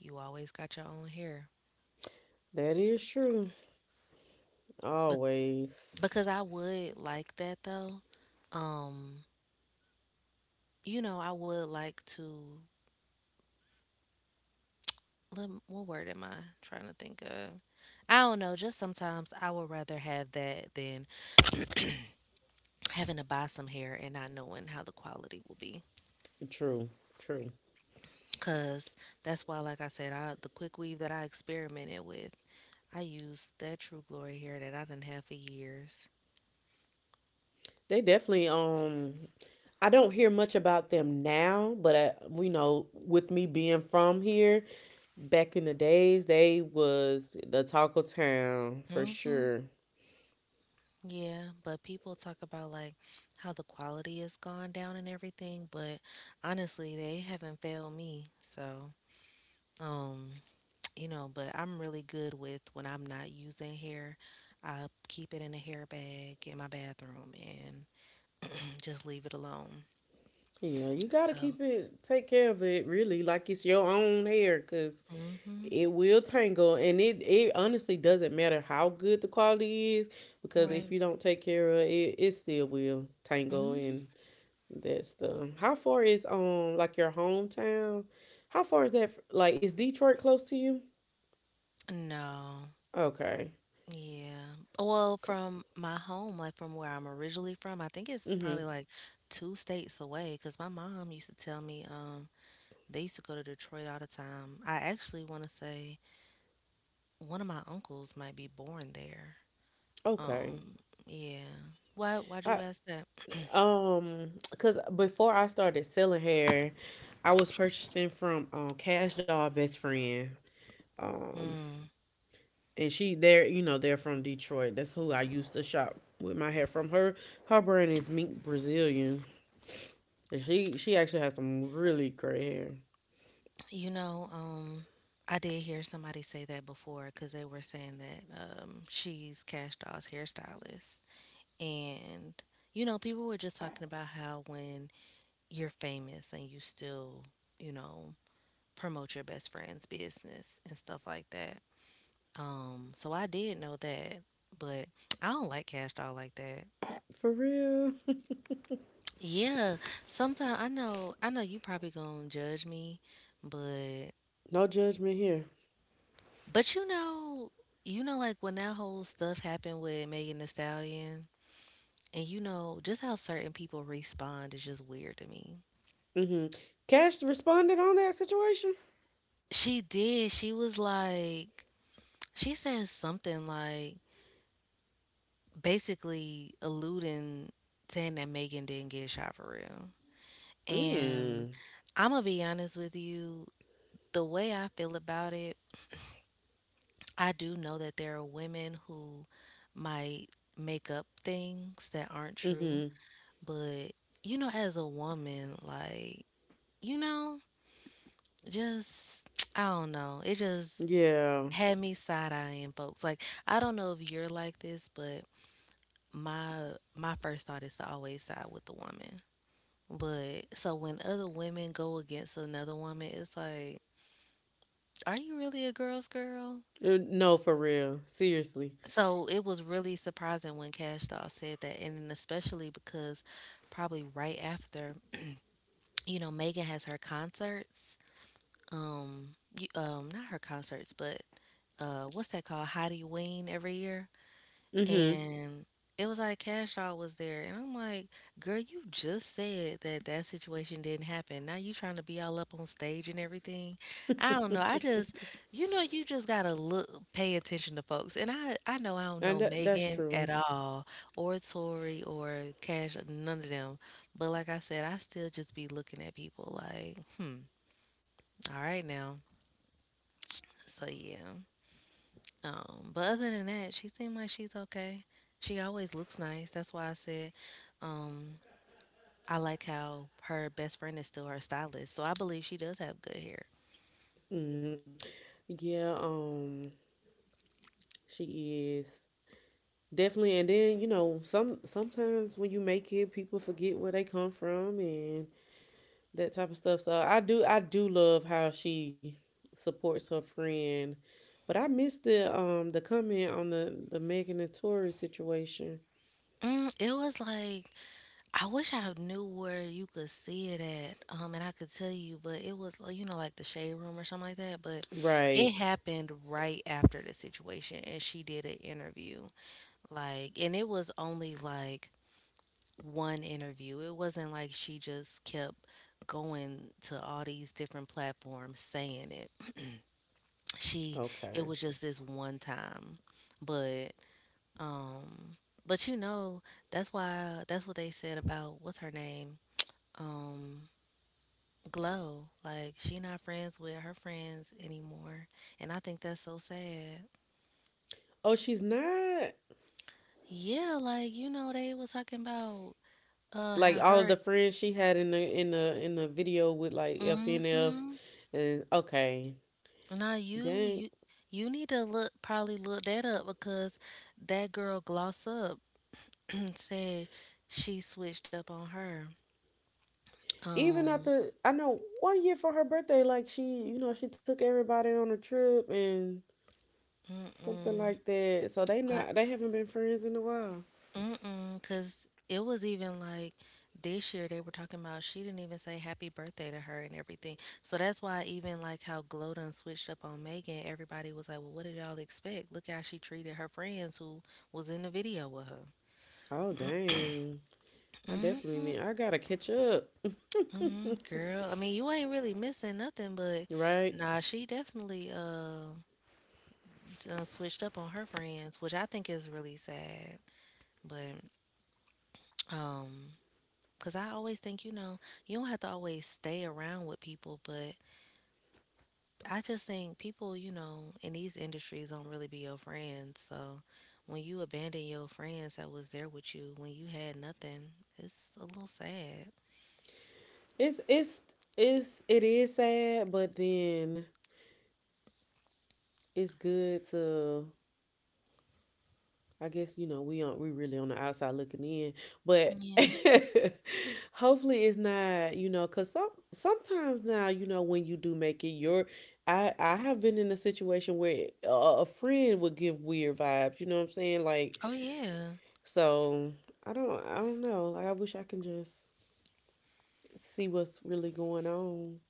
Speaker 2: you always got your own hair.
Speaker 1: That is true.
Speaker 2: But
Speaker 1: Always.
Speaker 2: because I would like that though. Um, you know, I would like to let, what word am I trying to think of? I don't know, just sometimes I would rather have that than having to buy some hair and not knowing how the quality will be.
Speaker 1: True. True.
Speaker 2: Cause that's why, like I said, I the quick weave that I experimented with, I used that True Glory hair that I didn't have for years.
Speaker 1: They definitely, I don't hear much about them now, but I, we know, with me being from here, back in the days they was the talk of town for
Speaker 2: Mm-hmm.
Speaker 1: sure.
Speaker 2: Yeah, but people talk about like how the quality has gone down and everything, but honestly, they haven't failed me. So, um, you know, but I'm really good with when I'm not using hair. I keep it in a hair bag in my bathroom and just leave it alone.
Speaker 1: Yeah, you gotta
Speaker 2: So,
Speaker 1: keep it, take care of it, really, like it's your own hair, cause
Speaker 2: mm-hmm.
Speaker 1: it will tangle. And it honestly doesn't matter how good the quality is, because
Speaker 2: Right.
Speaker 1: if you don't take care of it, it still will tangle.
Speaker 2: Hmm.
Speaker 1: And that's the… How far is, like, your hometown, how far is that like, is Detroit close to you?
Speaker 2: No.
Speaker 1: Okay.
Speaker 2: Yeah. Well,
Speaker 1: C-
Speaker 2: from my home, like from where I'm originally from, I think it's probably
Speaker 1: mhm.
Speaker 2: like two states away because my mom used to tell me they used to go to Detroit all the time. I actually want to say one of my uncles might be born there.
Speaker 1: Okay.
Speaker 2: Um, yeah. Why'd you
Speaker 1: I,
Speaker 2: ask that?
Speaker 1: um cuz before I started selling hair, I was purchasing from Cash Doll best friend, um
Speaker 2: Mm,
Speaker 1: and she there, you know, they're from Detroit. That's who I used to shop with, my hair from her. Her brand is Mink Brazilian, and she actually has some really great hair.
Speaker 2: you know, I did hear somebody say that before because they were saying that, she's Cash Doll's hairstylist. And, you know, people were just talking about how when you're famous and you still, you know, promote your best friend's business and stuff like that. So I did know that, but I don't like Cash Doll like that.
Speaker 1: For real.
Speaker 2: Yeah, sometimes I know you probably gonna judge me, but
Speaker 1: No judgment here.
Speaker 2: but you know, you know, like when that whole stuff happened with Megan Thee Stallion and you know just how certain people respond is just weird to me.
Speaker 1: Mm-hmm. Cash responded on that situation.
Speaker 2: She did. She was like she said something like, basically alluding, saying that Megan didn't get shot for real. And
Speaker 1: Mm.
Speaker 2: I'm gonna be honest with you, the way I feel about it, I do know that there are women who might make up things that aren't true,
Speaker 1: Mm-hmm.
Speaker 2: but you know, as a woman, like, you know, just I don't know. It just
Speaker 1: Yeah.
Speaker 2: had me side eyeing folks. Like, I don't know if you're like this, but my my first thought is to always side with the woman. But so when other women go against another woman, it's like, are you really a girl's girl?
Speaker 1: No, for real, seriously.
Speaker 2: So it was really surprising when Cash Doll said that, and then especially because probably right after, you know, Megan has her concerts. Um, not her concerts, but what's that called? Hottie Ween every year.
Speaker 1: Mm-hmm.
Speaker 2: And it was like Cash Out was there. And I'm like, girl, you just said that that situation didn't happen. Now you trying to be all up on stage and everything. I don't know. I just, you know, you just gotta look, pay attention to folks. And I know I don't know
Speaker 1: And that, that's
Speaker 2: Megan at
Speaker 1: true.
Speaker 2: all, or Tori, or Cash, none of them. But like I said, I still just be looking at people like, hmm, all right now. So yeah. But other than that, she seemed like she's okay. She always looks nice. That's why I said um, I like how her best friend is still her stylist. So I believe she does have good hair.
Speaker 1: Mm. Yeah, she is. Definitely. And then, you know, some sometimes when you make it, people forget where they come from and that type of stuff. So I do love how she supports her friend, but I missed the, the comment on the Megan and Tory situation.
Speaker 2: Mm, it was like I wish I knew where you could see it at, and I could tell you, but it was like, you know, like the shade room or something like that. But it
Speaker 1: Right.
Speaker 2: happened right after the situation, and she did an interview, like, and it was only like one interview. It wasn't like she just kept going to all these different platforms saying it. She It
Speaker 1: Okay.
Speaker 2: was just this one time. But um, but you know, that's why that's what they said about what's her name? Um, Glow. Like she not friends with her friends anymore. And I think that's so sad.
Speaker 1: Oh, she's not,
Speaker 2: Yeah, like you know they was talking about
Speaker 1: like,
Speaker 2: how
Speaker 1: all of
Speaker 2: her
Speaker 1: the friends she had in the, in the, in the video with, like, FNF,
Speaker 2: mhm.
Speaker 1: and okay,
Speaker 2: Nah, you
Speaker 1: dang.
Speaker 2: you you need to look probably look that up because that girl Gloss Up said she switched up on her.
Speaker 1: Even
Speaker 2: Um,
Speaker 1: after, I know one year for her birthday, like, she, you know, she took everybody on a trip and something
Speaker 2: mm-mm,
Speaker 1: like that. So they
Speaker 2: but
Speaker 1: not, they haven't been friends in a while.
Speaker 2: mm-mm, cause it was even like this year they were talking about she didn't even say happy birthday to her and everything. So that's why even like how Glow done switched up on Megan, everybody was like, well, what did y'all expect? Look how she treated her friends who was in the video with her.
Speaker 1: Oh dang. I definitely
Speaker 2: hmm
Speaker 1: need, I gotta catch up.
Speaker 2: Mhm, girl. I mean, you ain't really missing nothing, but
Speaker 1: Right?
Speaker 2: nah, she definitely done switched up on her friends, which I think is really sad. But um, Cause I always think, you know, you don't have to always stay around with people, but I just think people, you know, in these industries don't really be your friends. So when you abandon your friends that was there with you when you had nothing, it's a little sad.
Speaker 1: It's it's it's it is sad, but then it's good to, I guess, you know, we on, we really on the outside looking in, but
Speaker 2: Yeah.
Speaker 1: hopefully it's not, you know, because some sometimes now, you know, when you do make it, your… I have been in a situation where a friend would give weird vibes, you know what I'm saying, like,
Speaker 2: Oh yeah.
Speaker 1: so I don't know, like, I wish I can just see what's really going on.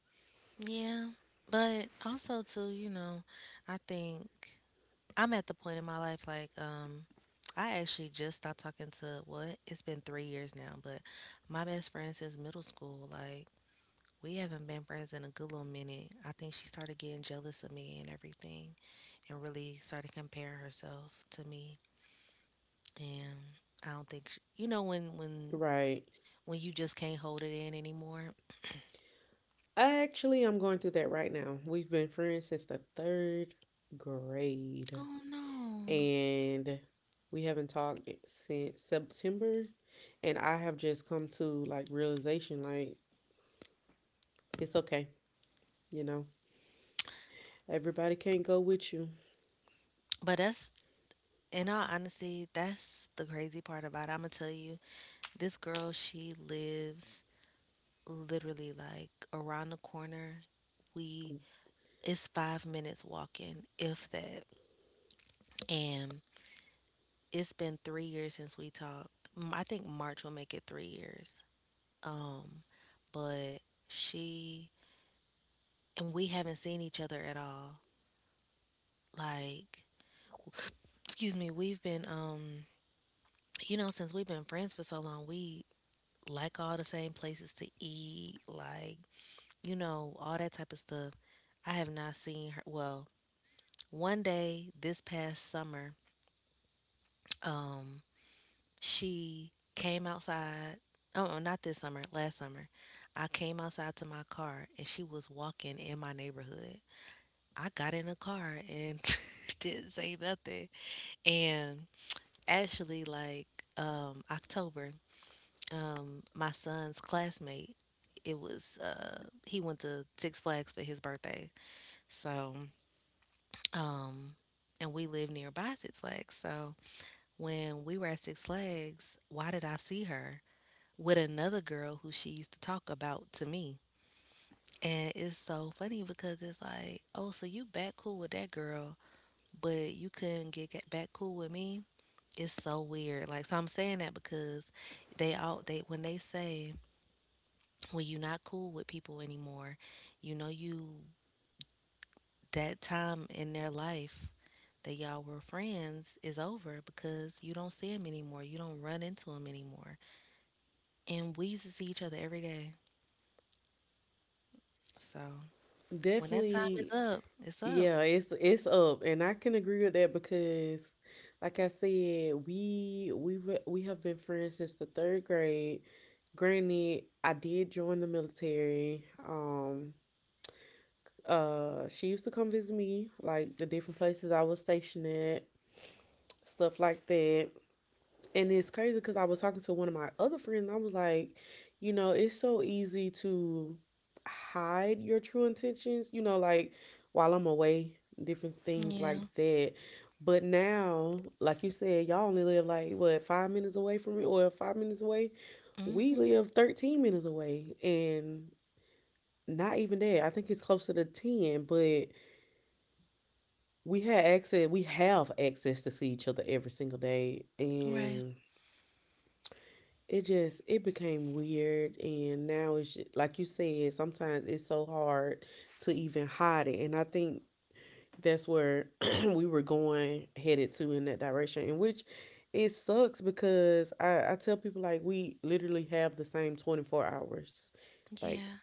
Speaker 2: Yeah, but also too, you know, I think I'm at the point in my life like I actually just stopped talking to what it's been 3 years now, but my best friend since middle school, like we haven't been friends in a good little minute. I think she started getting jealous of me and everything and really started comparing herself to me. And I don't think sh you know when
Speaker 1: Right.
Speaker 2: when you just can't hold it in anymore.
Speaker 1: I actually, I'm going through that right now. We've been friends since the third grade,
Speaker 2: Oh no.
Speaker 1: and we haven't talked since September. And I have just come to, like, realization, like, it's okay, you know. Everybody can't go with you.
Speaker 2: But that's In all honesty, that's the crazy part about it. I'm gonna tell you, this girl, she lives literally like around the corner. We It's five minutes walking, if that. And it's been three years since we talked. I think March will make it three years. Um, but she and we haven't seen each other at all. Like, excuse me, we've been you know, since we've been friends for so long, we like all the same places to eat, like you know, all that type of stuff. I have not seen her. Well, one day this past summer, um, she came outside. Oh, oh, not this summer, last summer. I came outside to my car and she was walking in my neighborhood. I got in the car and didn't say nothing. And actually, like October, my son's classmate, it was he went to Six Flags for his birthday. So Um, and we live nearby Six Flags. So when we were at Six Flags, why did I see her with another girl who she used to talk about to me? And it's so funny because it's like, oh, so you back cool with that girl, but you couldn't get back cool with me. It's so weird. Like, so I'm saying that because they all they when they say when you're not cool with people anymore, you know you that time in their life that y'all were friends is over because you don't see him anymore. You don't run into him anymore. And we used to see each other every day. So when that time is
Speaker 1: Definitely.
Speaker 2: up, it's up.
Speaker 1: Yeah, it's up, and I can agree with that because like I said, we have been friends since the 3rd grade. Granted, I did join the military. She used to come visit me, like the different places I was stationed at, stuff like that. And it's crazy because I was talking to one of my other friends. I was like, you know, it's so easy to hide your true intentions, you know, like while I'm away, different things
Speaker 2: Yeah.
Speaker 1: like that. But now, like you said, y'all only live like, what, 5 minutes away from me, or 5 minutes away. We
Speaker 2: Mm-hmm.
Speaker 1: live 13 minutes away, and not even that. I think it's closer to 10, but we had access, we have access to see each other every single day.
Speaker 2: Right.
Speaker 1: And it just, it became weird, and now it's like you said, sometimes it's so hard to even hide it. And I think that's where we were going headed to, in that direction. In which it sucks because I tell people, like, we literally have the same 24 hours. Like,
Speaker 2: Yeah.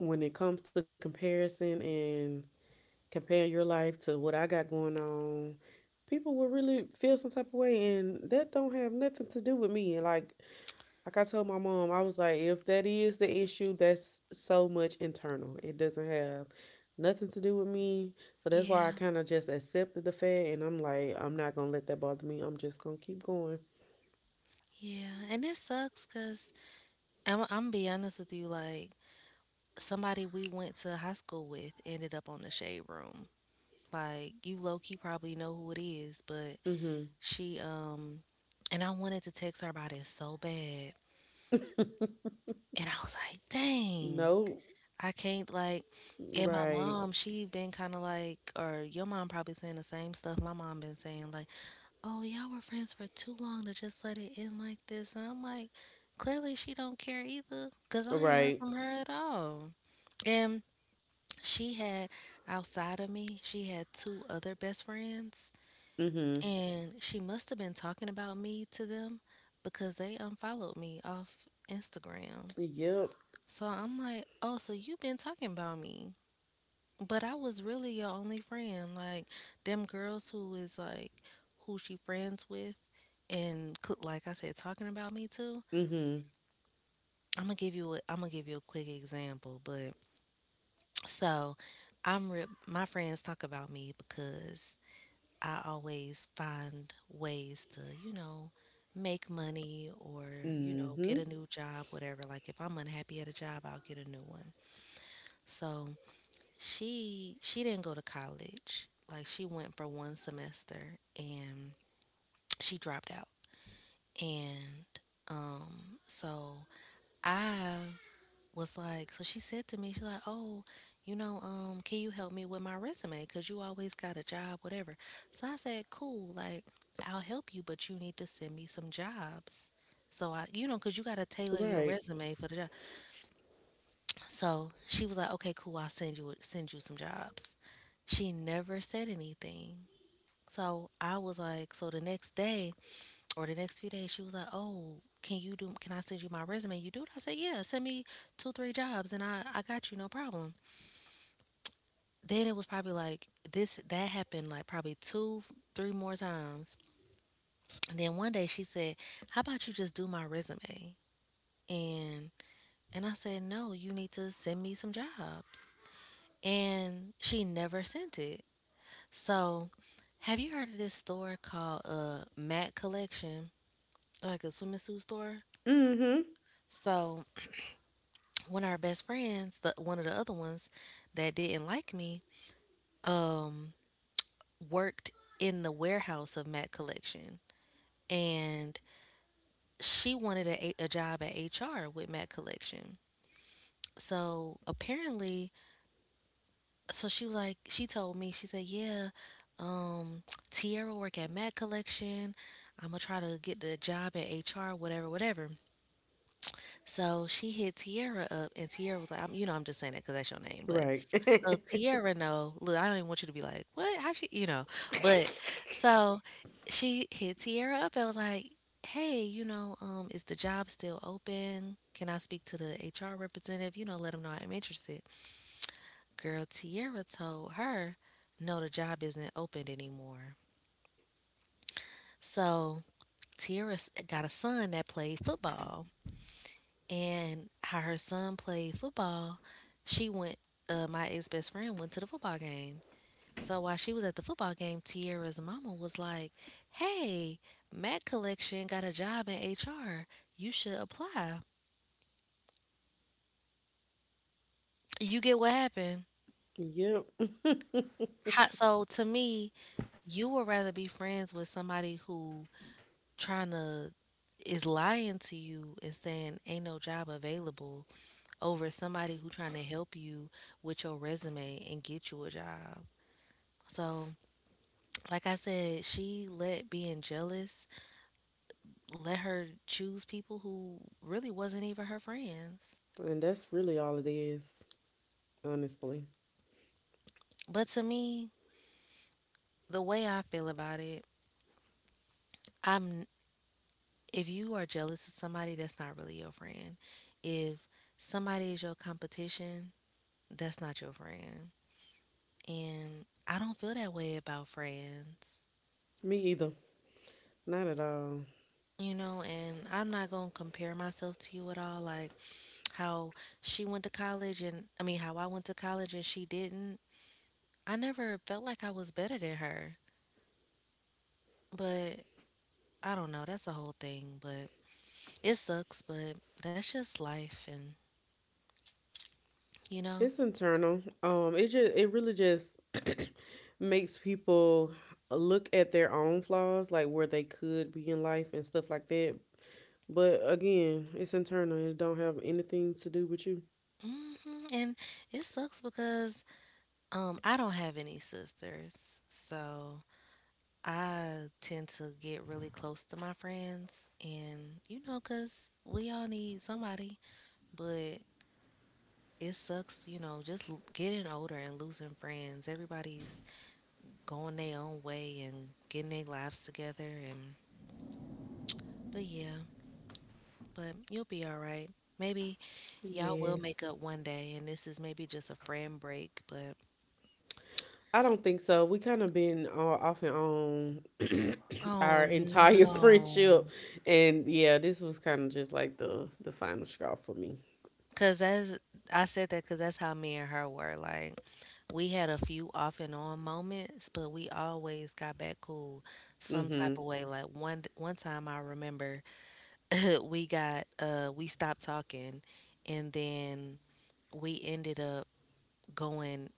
Speaker 1: when it comes to comparison and comparing your life to what I got going on, people will really feel some type of way, and that don't have nothing to do with me. And like I told my mom, I was like, if that is the issue, that's so much internal. It doesn't have nothing to do with me. So that's why I
Speaker 2: Yeah.
Speaker 1: kind of just accepted the fact. And I'm like, I'm not going to let that bother me. I'm just going to keep going.
Speaker 2: Yeah. And it sucks because I'm gonna be honest with you. Like somebody we went to high school with ended up on the shade room. Like you low key probably know who it is, but
Speaker 1: Mm
Speaker 2: She and I wanted to text her about it so bad.
Speaker 1: hmm.
Speaker 2: And I was like, dang,
Speaker 1: No.
Speaker 2: I can't like and my
Speaker 1: Right.
Speaker 2: mom, she been kinda like or your mom probably saying the same stuff my mom been saying, like, oh, y'all were friends for too long to just let it end like this and I'm like, clearly she don't care either, 'cause I ain't heard
Speaker 1: Right.
Speaker 2: from her at all. And she had outside of me, she had two other best friends.
Speaker 1: Mm hmm.
Speaker 2: And she must have been talking about me to them because they unfollowed me off Instagram.
Speaker 1: Yep.
Speaker 2: So I'm like, oh, so you've been talking about me. But I was really your only friend. Like, them girls who is like, who she friends with and like I said, talking about me too.
Speaker 1: Mm hmm.
Speaker 2: I'm gonna give you a, I'm gonna give you a quick example, but so I'm rip. My friends talk about me because I always find ways to, you know, make money or, you
Speaker 1: Mm
Speaker 2: know, get
Speaker 1: hmm.
Speaker 2: a new job, whatever. Like if I'm unhappy at a job, I'll get a new one. So she didn't go to college. Like she went for one semester and she dropped out. And so I was like, so she said to me, she's like, oh, you know, can you help me with my resume? Cause you always got a job, whatever. So I said, cool, like I'll help you, but you need to send me some jobs. So I, you know, cause you gotta tailor your
Speaker 1: Right.
Speaker 2: resume for the job. So she was like, okay, cool, I'll send you some jobs. She never said anything. So I was like, so the next day or the next few days, she was like, oh, can you do? Can I send you my resume? You do it? I said, yeah, send me two, three jobs, and I got you, no problem. Then it was probably like this that happened like probably two three more times and then one day she said, how about you just do my resume? And I said no, you need to send me some jobs. And she never sent it. So have you heard of this store called Matt Collection, like a swimming suit store?
Speaker 1: Mm hmm.
Speaker 2: So one of our best friends, the one of the other ones that didn't like me, um worked in the warehouse of Matt Collection. And she wanted a job at HR with Matt Collection. So apparently, so she was like, she told me, she said, yeah, um, Tierra work at Matt Collection. I'm gonna try to get the job at HR, whatever, whatever. So she hit Tierra up, and Tierra was like, I'm, you know, I'm just saying that because that's your name, but
Speaker 1: Right.
Speaker 2: so Tierra no, look, I don't even want you to be like, what? How she, you know, but so she hit Tierra up and was like, hey, you know, is the job still open? Can I speak to the HR representative? You know, let them know I'm interested. Girl, Tierra told her, no, the job isn't opened anymore. So Tierra got a son that played football, and how her son played football, she went. My ex best friend went to the football game. So while she was at the football game, Tierra's mama was like, hey, Matt Collection got a job in HR. You should apply. You get what happened?
Speaker 1: Yep.
Speaker 2: How, so to me, you would rather be friends with somebody who trying to is lying to you and saying ain't no job available over somebody who trying to help you with your resume and get you a job. So, like I said, she let being jealous let her choose people who really wasn't even her friends.
Speaker 1: And that's really all it is, honestly.
Speaker 2: But to me, the way I feel about it, I'm if you are jealous of somebody, that's not really your friend. If somebody is your competition, that's not your friend. And I don't feel that way about friends.
Speaker 1: Me either. Not at all.
Speaker 2: You know, and I'm not going to compare myself to you at all like how she went to college and I mean how I went to college and she didn't. I never felt like I was better than her. But I don't know. That's a whole thing, but it sucks, but that's just life and you know.
Speaker 1: It's internal. It just, it really just makes people look at their own flaws, like where they could be in life and stuff like that. But again, it's internal, and it don't have anything to do with you.
Speaker 2: hmm And it sucks because I don't have any sisters. So I tend to get really close to my friends and you know cuz we all need somebody, but it sucks, you know, just getting older and losing friends. Everybody's going their own way and getting their lives together and but yeah, but you'll be all right. Maybe y'all will make
Speaker 1: Yes.
Speaker 2: up one day, and this is maybe just a friend break, but
Speaker 1: I don't think so. We kind of been, off and on our
Speaker 2: oh
Speaker 1: entire friendship,
Speaker 2: no.
Speaker 1: and yeah, this was kind of just like the final straw for me.
Speaker 2: Because that's, I said that because that's how me and her were. Like, we had a few off and on moments, but we always got back cool some type of
Speaker 1: Mhm.
Speaker 2: way. Like, one time I remember we got, we stopped talking, and then we ended up going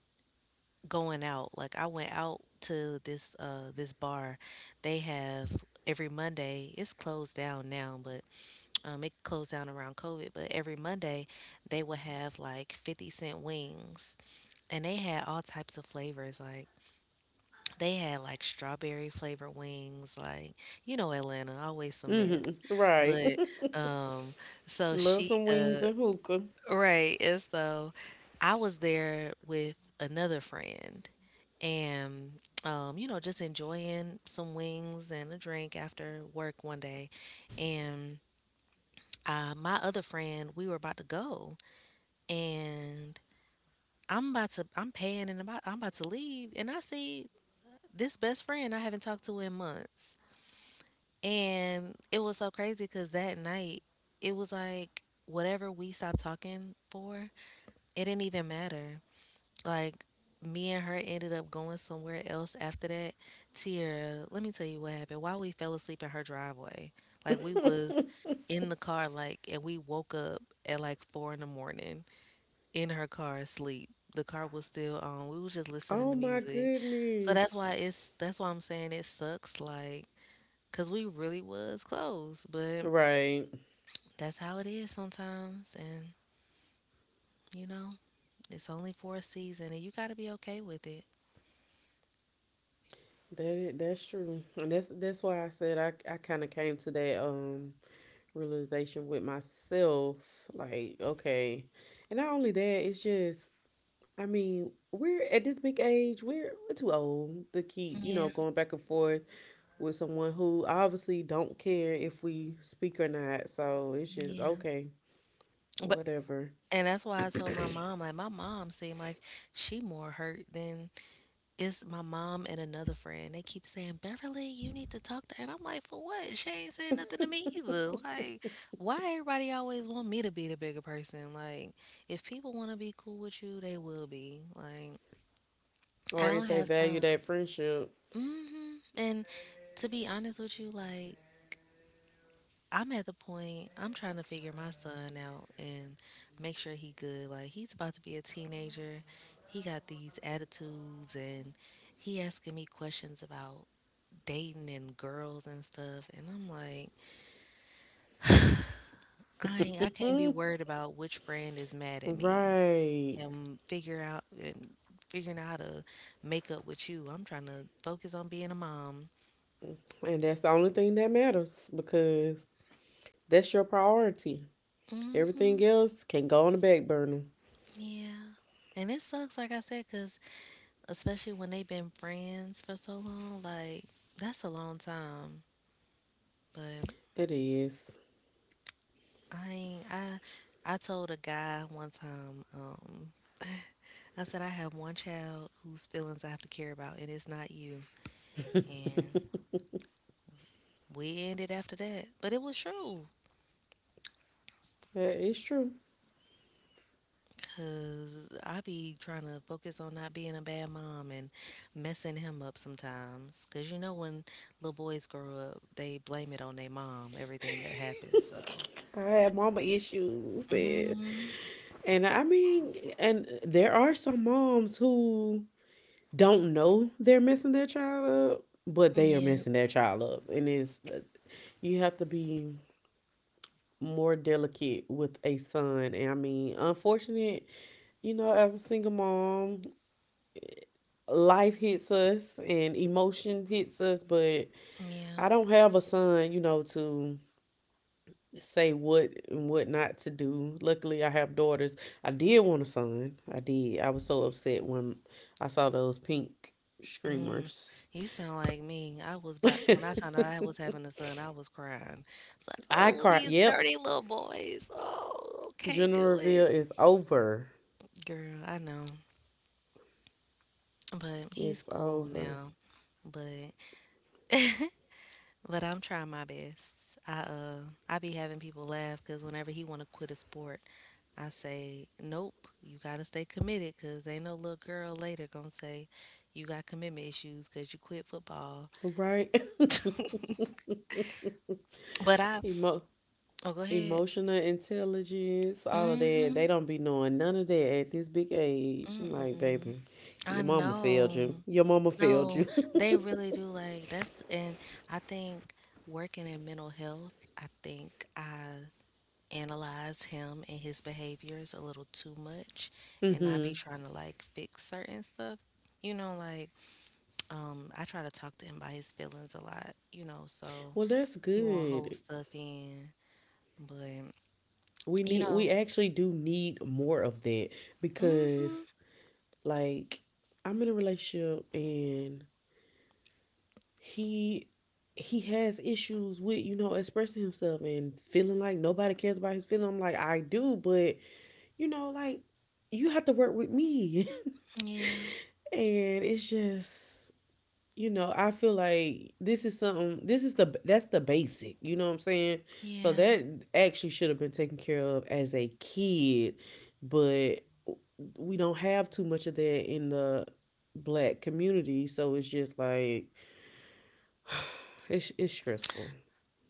Speaker 2: going out. Like I went out to this this bar. They have every Monday. It's closed down now, but it closed down around COVID, but every Monday they would have like 50-cent wings. And they had all types of flavors like they had like strawberry flavored wings, like you know Atlanta, always a mess.
Speaker 1: Mhm. Right.
Speaker 2: But um so
Speaker 1: Love
Speaker 2: she
Speaker 1: some wings and hookah.
Speaker 2: Right. And so I was there with another friend and you know, just enjoying some wings and a drink after work one day. And my other friend, we were about to go and I'm paying and about I'm about to leave and I see this best friend I haven't talked to in months. And it was so crazy because that night it was like whatever we stopped talking for, it didn't even matter. Like me and her ended up going somewhere else after that. Tiara, let me tell you what happened. While we fell asleep in her driveway, like we was in the car, like, and we woke up at like 4 in the morning in her car asleep. The car was still on. We was just listening
Speaker 1: Oh
Speaker 2: to
Speaker 1: my
Speaker 2: music. So that's
Speaker 1: goodness.
Speaker 2: why it's that's why I'm saying it sucks, like, cause we really was close, but
Speaker 1: Right.
Speaker 2: that's how it is sometimes, and you know, it's only for a season, and you gotta be okay with it.
Speaker 1: That is, that's true. And that's why I said, I kind of came to that, realization with myself, like, okay. And not only that, it's just, I mean, we're at this big age, we're too old to keep, you know,
Speaker 2: Yeah,
Speaker 1: going back and forth with someone who obviously don't care if we speak or not. So it's just,
Speaker 2: yeah.
Speaker 1: okay,
Speaker 2: But
Speaker 1: whatever.
Speaker 2: and that's why I told my mom. Like my mom seemed like she more hurt than it's my mom and another friend. They keep saying, Beverly, you need to talk to her. And I'm like, for what? She ain't saying nothing to me either. Like, why everybody always want me to be the bigger person? Like, if people want to be cool with you, they will be. Like, I
Speaker 1: Or
Speaker 2: don't
Speaker 1: if they
Speaker 2: have
Speaker 1: value
Speaker 2: time.
Speaker 1: that friendship.
Speaker 2: And to be honest with you, like I'm at the point I'm trying to figure my son out and make sure he good. Like he's about to be a teenager. He got these attitudes and he asking me questions about dating and girls and stuff, and I'm like, I can't be worried about which friend is mad at me
Speaker 1: Right.
Speaker 2: and figure out and figuring out how to make up with you. I'm trying to focus on being a mom.
Speaker 1: And that's the only thing that matters, because that's your priority. Everything
Speaker 2: Mhm.
Speaker 1: else can go on the back burner.
Speaker 2: Yeah. And it sucks, like I said, 'cause especially when they've been friends for so long. Like that's a long time. But
Speaker 1: It is.
Speaker 2: I ain't, I told a guy one time. I said I have one child whose feelings I have to care about, and it's not you. And we ended after that, but it was true.
Speaker 1: That is true.
Speaker 2: Cause I be trying to focus on not being a bad mom and messing him up sometimes. Cause you know when little boys grow up, they blame it on their mom everything that happens. So.
Speaker 1: I have mama issues.
Speaker 2: Mm,
Speaker 1: And I mean, and there are some moms who don't know they're messing their child up, but they are
Speaker 2: yeah.
Speaker 1: messing their child up. And it's, you have to be more delicate with a son. And I mean, unfortunate, you know, as a single mom, life hits us and emotion hits us, but
Speaker 2: Yeah.
Speaker 1: I don't have a son, you know, to say what and what not to do. Luckily, I have daughters. I did want a son. I did. I was so upset when I saw those pink
Speaker 2: Mm.
Speaker 1: screamers.
Speaker 2: You sound like me. I was about when I found out I was having a son, I was crying. It's like,
Speaker 1: I
Speaker 2: oh,
Speaker 1: cried.
Speaker 2: these
Speaker 1: Yep.
Speaker 2: dirty little boys. Oh, can't
Speaker 1: Gender
Speaker 2: do
Speaker 1: reveal
Speaker 2: it.
Speaker 1: is over.
Speaker 2: Girl, I know. But
Speaker 1: It's
Speaker 2: he's cool
Speaker 1: over.
Speaker 2: now. But but I'm trying my best. I be having people laugh because whenever he want to quit a sport, I say, nope, you gotta stay committed because ain't no little girl later gonna say you got commitment issues because you quit football.
Speaker 1: Right?
Speaker 2: But I
Speaker 1: Emo-
Speaker 2: Oh, go ahead.
Speaker 1: emotional intelligence, all of that.
Speaker 2: Mhm.
Speaker 1: They don't be knowing none of that at this big age. I'm like,
Speaker 2: Mm-mm.
Speaker 1: baby, your
Speaker 2: I
Speaker 1: mama failed
Speaker 2: know.
Speaker 1: you. Your mama failed
Speaker 2: No,
Speaker 1: you.
Speaker 2: they really do. Like that's, and I think working in mental health, I think I analyze him and his behaviors a little too much, and I be
Speaker 1: hmm
Speaker 2: trying to like fix certain stuff. You know, like I try to talk to him about his feelings a lot. You know, so
Speaker 1: Well, that's
Speaker 2: he won't hold
Speaker 1: good.
Speaker 2: stuff in, but
Speaker 1: We
Speaker 2: you
Speaker 1: need, we
Speaker 2: know,
Speaker 1: actually do need more of that
Speaker 2: mhm.
Speaker 1: because, like, I'm in a relationship and he he has issues with expressing himself and feeling like nobody cares about his feeling. I'm like, I do, but you know, like you have to work with me.
Speaker 2: Yeah,
Speaker 1: And it's just, I feel like this is something, this is the, that's the basic, you know what I'm saying? So
Speaker 2: yeah.
Speaker 1: that actually should have been taken care of as a kid, but we don't have too much of that in the black community. So it's just like, it's stressful.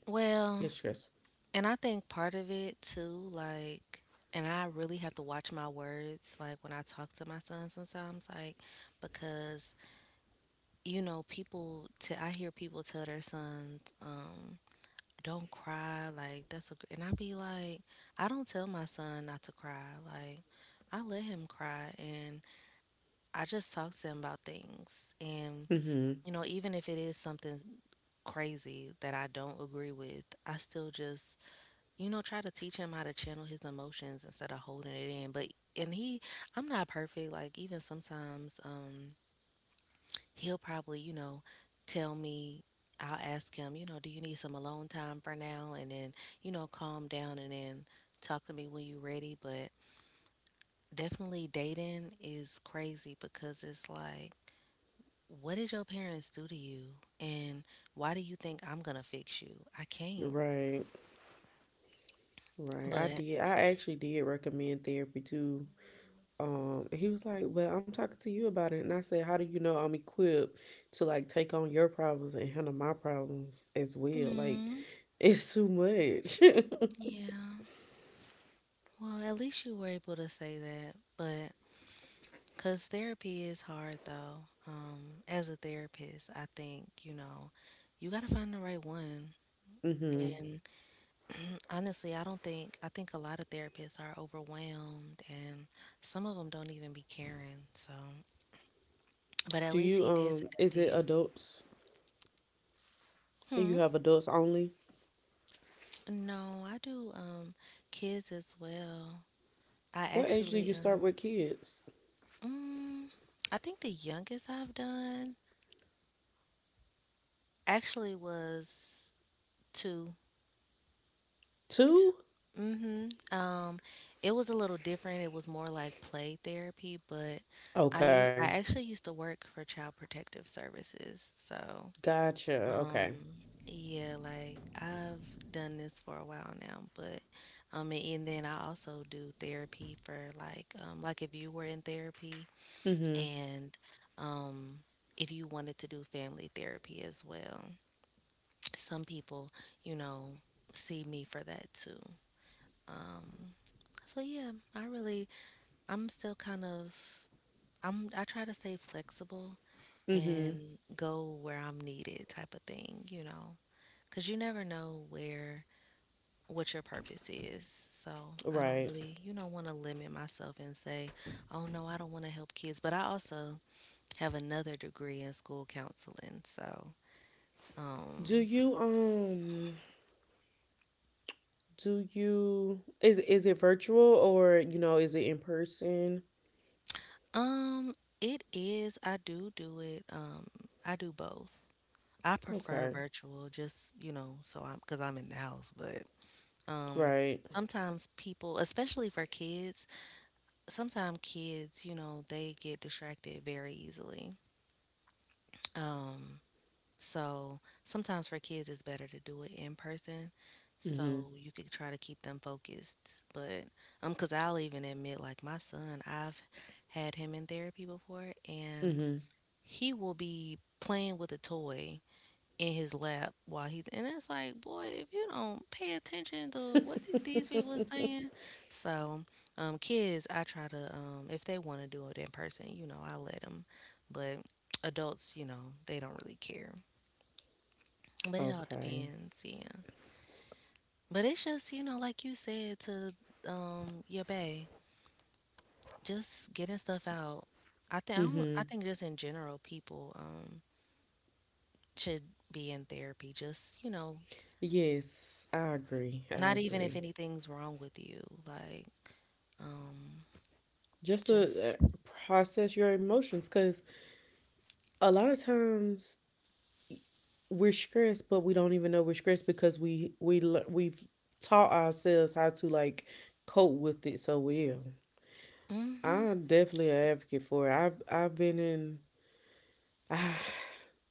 Speaker 2: Well.
Speaker 1: It's stressful.
Speaker 2: And I think part of it too, like, and I really have to watch my words, like when I talk to my son sometimes, like, because, you know, people, I hear people tell their sons, don't cry, like, that's a, gr-" and I be like, I don't tell my son not to cry. Like, I let him cry and I just talk to him about things. And,
Speaker 1: Mm-hmm.
Speaker 2: you know, even if it is something crazy that I don't agree with, I still just, you know, try to teach him how to channel his emotions instead of holding it in. But and he, I'm not perfect. Like even sometimes, he'll probably, you know, tell me. I'll ask him, you know, do you need some alone time for now? And then, you know, calm down and then talk to me when you're ready. But definitely dating is crazy because it's like, what did your parents do to you? And why do you think I'm going to fix you? I can't.
Speaker 1: Right. Right.
Speaker 2: But,
Speaker 1: I actually did recommend therapy too. And he was like, "Well, I'm talking to you about it," and I said, "How do you know I'm equipped to like take on your problems and handle my problems as well? Like,
Speaker 2: mm,
Speaker 1: it's too much."
Speaker 2: yeah. Well, at least you were able to say that, but because therapy is hard though. As a therapist, I think, you know, you got to find the right one.
Speaker 1: hmm
Speaker 2: And honestly, I don't think, I think a lot of therapists are overwhelmed, and some of them don't even be caring. So, but at
Speaker 1: Do
Speaker 2: least
Speaker 1: you
Speaker 2: he did say
Speaker 1: um?
Speaker 2: that to
Speaker 1: Is it
Speaker 2: you.
Speaker 1: adults?
Speaker 2: Hmm.
Speaker 1: You have adults only.
Speaker 2: No, I do kids as well. I
Speaker 1: What age do
Speaker 2: actually
Speaker 1: you start with kids?
Speaker 2: mm, I think the youngest I've done actually was 2.
Speaker 1: Two.
Speaker 2: Mm-hmm. It was a little different. It was more like play therapy, but I u-
Speaker 1: Okay.
Speaker 2: I actually used to work for Child Protective Services. So,
Speaker 1: Gotcha.
Speaker 2: um,
Speaker 1: Okay.
Speaker 2: yeah, like I've done this for a while now, but and then I also do therapy for like if you were in therapy
Speaker 1: Mhm.
Speaker 2: and um, if you wanted to do family therapy as well. Some people, you know, see me for that too. So yeah, I really I'm still kind of I'm I try to stay flexible
Speaker 1: Mhm.
Speaker 2: and go where I'm needed type of thing, you know. 'Cause you never know where what your purpose is. So, I don't
Speaker 1: Right.
Speaker 2: really, you know, want to limit myself and say, "Oh no, I don't want to help kids." But I also have another degree in school counseling. So,
Speaker 1: Do
Speaker 2: um
Speaker 1: you um? Do you is it virtual or you know is it in person?
Speaker 2: it is, I do do it. I do both. I prefer
Speaker 1: Okay.
Speaker 2: virtual just, you know, so I'm because I'm in the house, but um
Speaker 1: Right.
Speaker 2: sometimes people, especially for kids, sometimes kids, you know, they get distracted very easily. Um so sometimes for kids it's better to do it in person
Speaker 1: Mhm.
Speaker 2: so you could try to keep them focused. But cuz I'll even admit like my son, I've had him in therapy before and
Speaker 1: Mhm.
Speaker 2: he will be playing with a toy in his lap while he's and it's like boy if you don't pay attention to what these people are saying. So kids I try to if they want to do it in person, you know, I let them. But adults, you know, they don't really care, but it all
Speaker 1: Okay.
Speaker 2: depends. Yeah. But it's just, you know, like you said to your bae, just getting stuff out. i think i, don't,
Speaker 1: Mhm.
Speaker 2: I think just in general people should be in therapy, just
Speaker 1: Yes, I agree. I
Speaker 2: Not even if
Speaker 1: agree.
Speaker 2: anything's wrong with you. Like, um,
Speaker 1: Just to
Speaker 2: just
Speaker 1: process your emotions cuz a lot of times we're stressed but we don't even know we're stressed because we've taught ourselves how to like cope with it so well.
Speaker 2: hmm
Speaker 1: I'm definitely an advocate for it. I've been in Ah,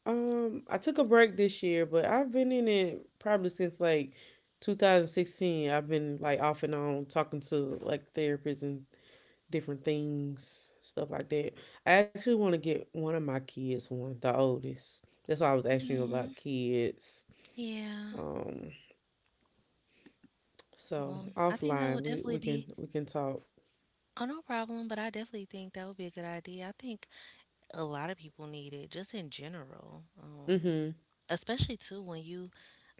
Speaker 1: I took a break this year, but I've been in it probably since like 2016. I've been like off and on talking to like therapists and different things, stuff like that. I actually want to get one of my kids one, the oldest. That's why I was asking you
Speaker 2: hmm
Speaker 1: about kids.
Speaker 2: yeah.
Speaker 1: Um, so
Speaker 2: Well, I think that
Speaker 1: offline,
Speaker 2: would
Speaker 1: we
Speaker 2: definitely
Speaker 1: we can
Speaker 2: be,
Speaker 1: we can talk.
Speaker 2: oh no problem, but I definitely think that would be a good idea. I think a lot of people need it just in general.
Speaker 1: Mm-hmm.
Speaker 2: Especially too when you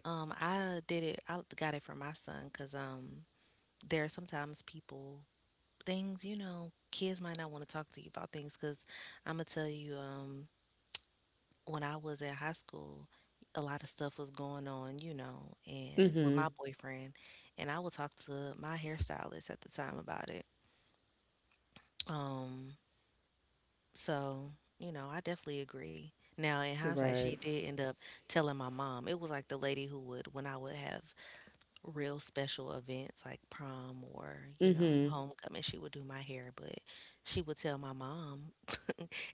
Speaker 2: I got it for my son because there are sometimes people things, you know, kids might not want to talk to you about things because I'm gonna tell you when I was in high school, a lot of stuff was going on, you know, and with my
Speaker 1: Mm-hmm.
Speaker 2: boyfriend, and I would talk to my hairstylist at the time about it. Um, so, you know, I definitely agree. Now, in hindsight, she
Speaker 1: Right.
Speaker 2: did end up telling my mom. It was like the lady who would, when I would have real special events like prom or, you know,
Speaker 1: Mm-hmm.
Speaker 2: homecoming, she would do my hair, but she would tell my mom.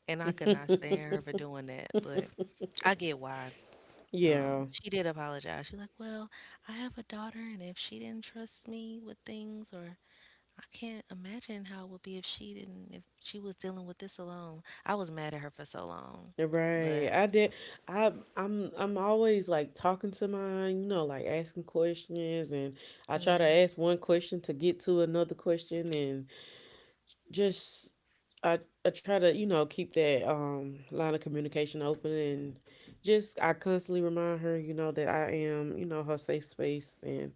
Speaker 2: And I could not stand her for doing that, but I get why.
Speaker 1: Yeah.
Speaker 2: She did apologize. She's like, "Well, I have a daughter, and if she didn't trust me with things, or I can't imagine how it would be if she didn't, if she was dealing with this alone." I was mad at her for so long,
Speaker 1: Right.
Speaker 2: but
Speaker 1: I'm always like talking to mine, you know, like asking questions and I try to
Speaker 2: yeah.
Speaker 1: ask one question to get to another question and just I I try to, you know, keep that line of communication open and just I constantly remind her, you know, that I am, you know, her safe space and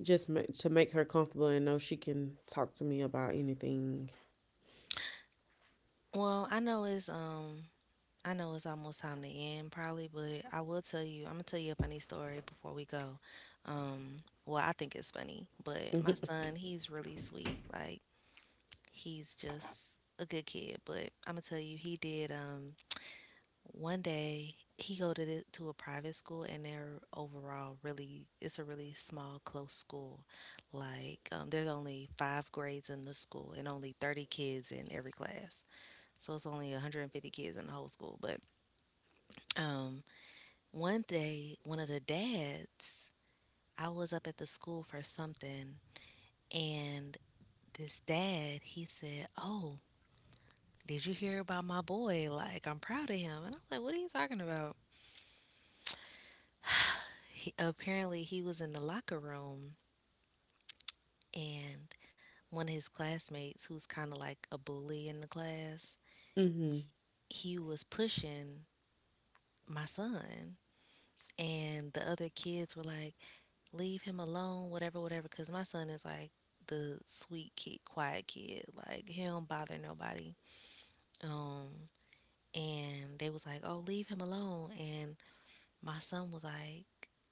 Speaker 1: just ma- to make her comfortable and know she can talk to me about anything.
Speaker 2: Well, I know it's almost time to end probably, but I will tell you, I'm gonna tell you a funny story before we go. Um, well, I think it's funny, but my
Speaker 1: Mhm.
Speaker 2: son, he's really sweet. Like he's just a good kid, but I'm gonna tell you, he did one day he go to the, to a private school, and they're overall really, it's a really small close school. Like there's only five grades in the school and only 30 kids in every class. So it's only 150 kids in the whole school. But um, one day one of the dads, I was up at the school for something, and this dad he said, "Oh, did you hear about my boy? Like I'm proud of him." And I was like, "What are you talking about?" He, apparently, he was in the locker room, and one of his classmates, who's kind of like a bully in the class,
Speaker 1: Mhm.
Speaker 2: he was pushing my son, and the other kids were like, "Leave him alone, whatever, whatever," because my son is like the sweet kid, quiet kid, like he don't bother nobody. Um, and they was like, "Oh, leave him alone," and my son was like,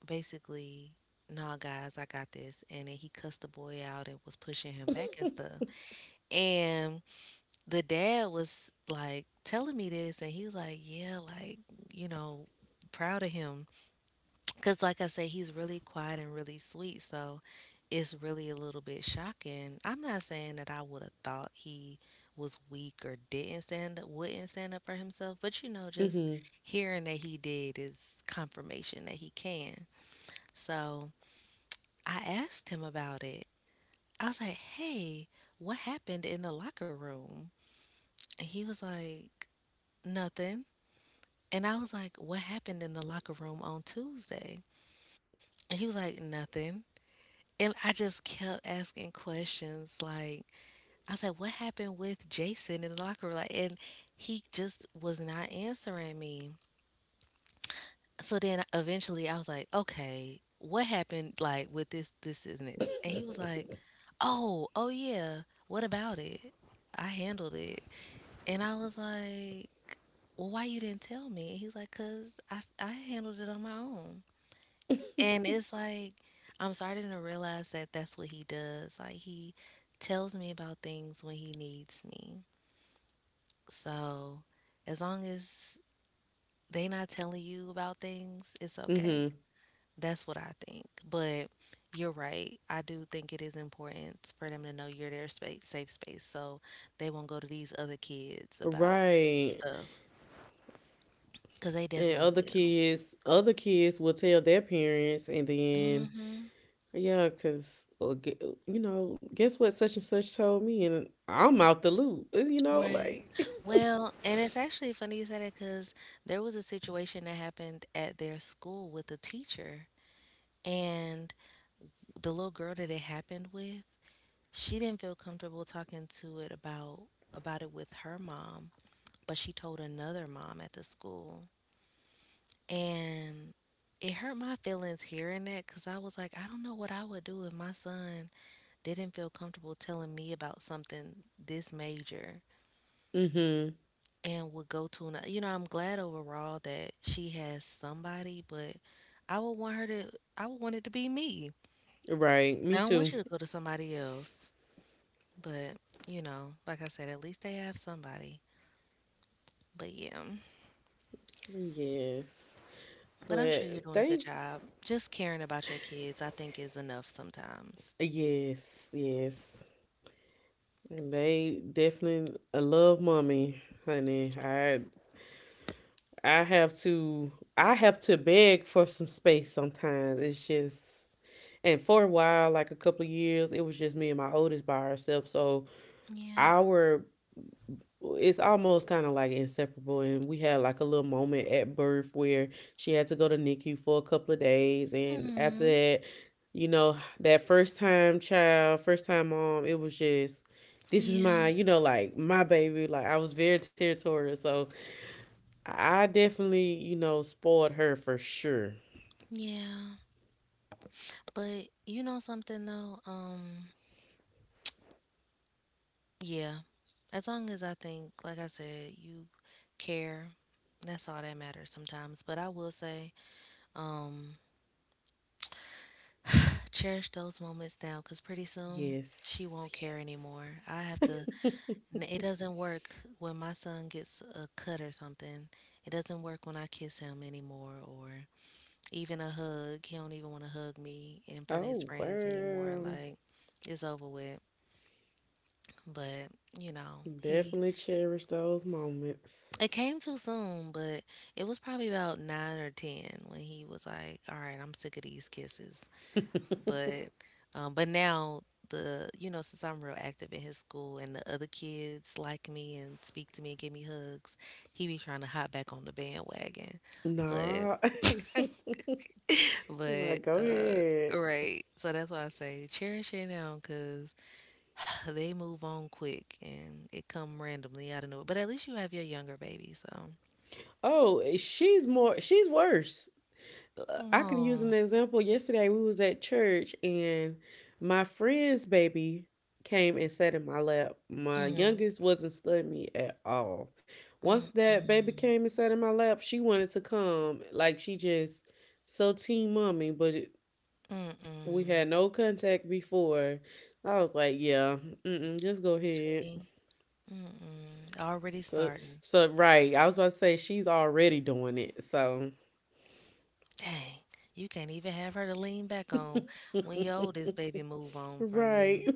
Speaker 2: basically, nah, guys, I got this. And then he cussed the boy out and was pushing him back and stuff. And the dad was like telling me this, and he was like, yeah, you know, proud of him. Because, like I say, he's really quiet and really sweet. So it's really a little bit shocking. I'm not saying that I would have thought he was weak or didn't stand up, wouldn't stand up for himself, but you know, just
Speaker 1: Mhm.
Speaker 2: hearing that he did is confirmation that he can. So I asked him about it. I was like, hey, what happened in the locker room? And he was like, nothing. And I was like, what happened in the locker room on Tuesday? And he was like, nothing. And I just kept asking questions. Like, I was like, what happened with Jason in the locker room? Like, and he just was not answering me. So then eventually I was like, okay, what happened like with this, this and this? And he was like, oh, oh yeah, what about it? I handled it. And I was like, well, why you didn't tell me? And he's like, cause I handled it on my own. And it's like, I'm starting to realize that's what he does. Like he tells me about things when he needs me. So as long as they not telling you about things, it's okay.
Speaker 1: Mhm.
Speaker 2: That's what I think. But you're right. I do think it is important for them to know you're their space, safe space, so they won't go to these other kids about
Speaker 1: Right.
Speaker 2: stuff because they
Speaker 1: And
Speaker 2: definitely
Speaker 1: other
Speaker 2: will.
Speaker 1: kids, other kids will tell their parents, and then
Speaker 2: Mm-hmm.
Speaker 1: yeah, cause or gu- you know, guess what? Such and such told me, and I'm out the loop. It's, you know,
Speaker 2: Right.
Speaker 1: like
Speaker 2: Well, and it's actually funny you said it because there was a situation that happened at their school with a teacher, and the little girl that it happened with, she didn't feel comfortable talking to it about it with her mom, but she told another mom at the school. And it hurt my feelings hearing that because I was like, I don't know what I would do if my son didn't feel comfortable telling me about something this major
Speaker 1: mm-hmm.
Speaker 2: and would go to another. You know, I'm glad overall that she has somebody, but I would want her to, I would want it to be me.
Speaker 1: Right,
Speaker 2: I
Speaker 1: me
Speaker 2: don't want
Speaker 1: too.
Speaker 2: you to go to somebody else, but you know, like I said, at least they have somebody. But yeah.
Speaker 1: Yes,
Speaker 2: But I'm sure you're
Speaker 1: but
Speaker 2: doing a good
Speaker 1: thank
Speaker 2: job. Just caring about your kids, I think, is enough sometimes.
Speaker 1: yes, yes. And they definitely I love mommy, honey. I have to I have to beg for some space sometimes. It's just and for a while, like a couple of years, it was just me and my oldest by herself. So
Speaker 2: Yeah.
Speaker 1: our it's almost kind of like inseparable and we had like a little moment at birth where she had to go to NICU for a couple of days and after
Speaker 2: Hmm.
Speaker 1: that, you know, that first time child, first time mom, it was just this is my,
Speaker 2: Yeah,
Speaker 1: you know, like my baby. Like I was very territorial. So I definitely, you know, spoiled her for sure.
Speaker 2: yeah. But you know something though? Yeah. As long as I think, like I said, you care, that's all that matters sometimes. But I will say, um, cherish those moments now because pretty soon she won't
Speaker 1: Yes,
Speaker 2: care
Speaker 1: yes.
Speaker 2: anymore. I have to it doesn't work when my son gets a cut or something. It doesn't work when I kiss him anymore or even a hug. He don't even want to hug me in front of his
Speaker 1: Oh,
Speaker 2: friends anymore.
Speaker 1: wow.
Speaker 2: Like it's over with. But, you know, he
Speaker 1: Definitely cherish those moments.
Speaker 2: it came too soon, but it was probably about 9 or 10 when he was like, "All right, I'm sick of these kisses." But but now the you know since I'm real active in his school and the other kids like me and speak to me and give me hugs, he be trying to hop back on the bandwagon, but
Speaker 1: Nah. You're
Speaker 2: but
Speaker 1: like, go
Speaker 2: uh
Speaker 1: ahead.
Speaker 2: right, so that's why I say cherish it now because they move on quick and it come randomly out of nowhere. But at least you have your younger baby, so
Speaker 1: Oh, eh, she's worse. Uh, I can use
Speaker 2: oh.
Speaker 1: an example. Yesterday we was at church and my friend's baby came and sat in my lap. My
Speaker 2: Mm-hmm.
Speaker 1: youngest wasn't studying me at all. Once that baby
Speaker 2: Mm-mm.
Speaker 1: came and sat in my lap, she wanted to come. Like she just so team mommy, we
Speaker 2: Mm-mm.
Speaker 1: had no contact before. I was like, yeah, mm-mm, just go ahead.
Speaker 2: See? Mm-mm. Already
Speaker 1: So,
Speaker 2: starting.
Speaker 1: so right. I was about to say she's already doing it. So,
Speaker 2: Dang, you can't even have her to lean back on when your oldest baby move on from
Speaker 1: right,
Speaker 2: you.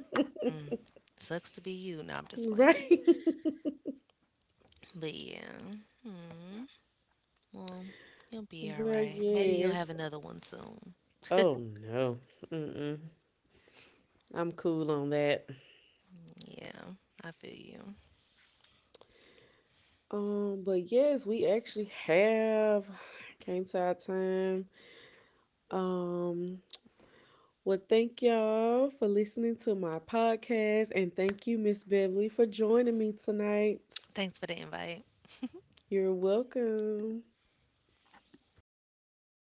Speaker 2: Mm, sucks to be you. No, I'm just playing.
Speaker 1: right.
Speaker 2: But yeah, hmm. Well, you'll be all
Speaker 1: Well,
Speaker 2: right. Maybe you'll have
Speaker 1: yes.
Speaker 2: another one soon.
Speaker 1: Oh no. Mm-mm. I'm cool on that.
Speaker 2: Yeah, I feel you.
Speaker 1: But yes, we actually have came to our time. Um, well, thank y'all for listening to my podcast, and thank you, Miss Beverly, for joining me tonight.
Speaker 2: Thanks for the invite.
Speaker 1: You're welcome.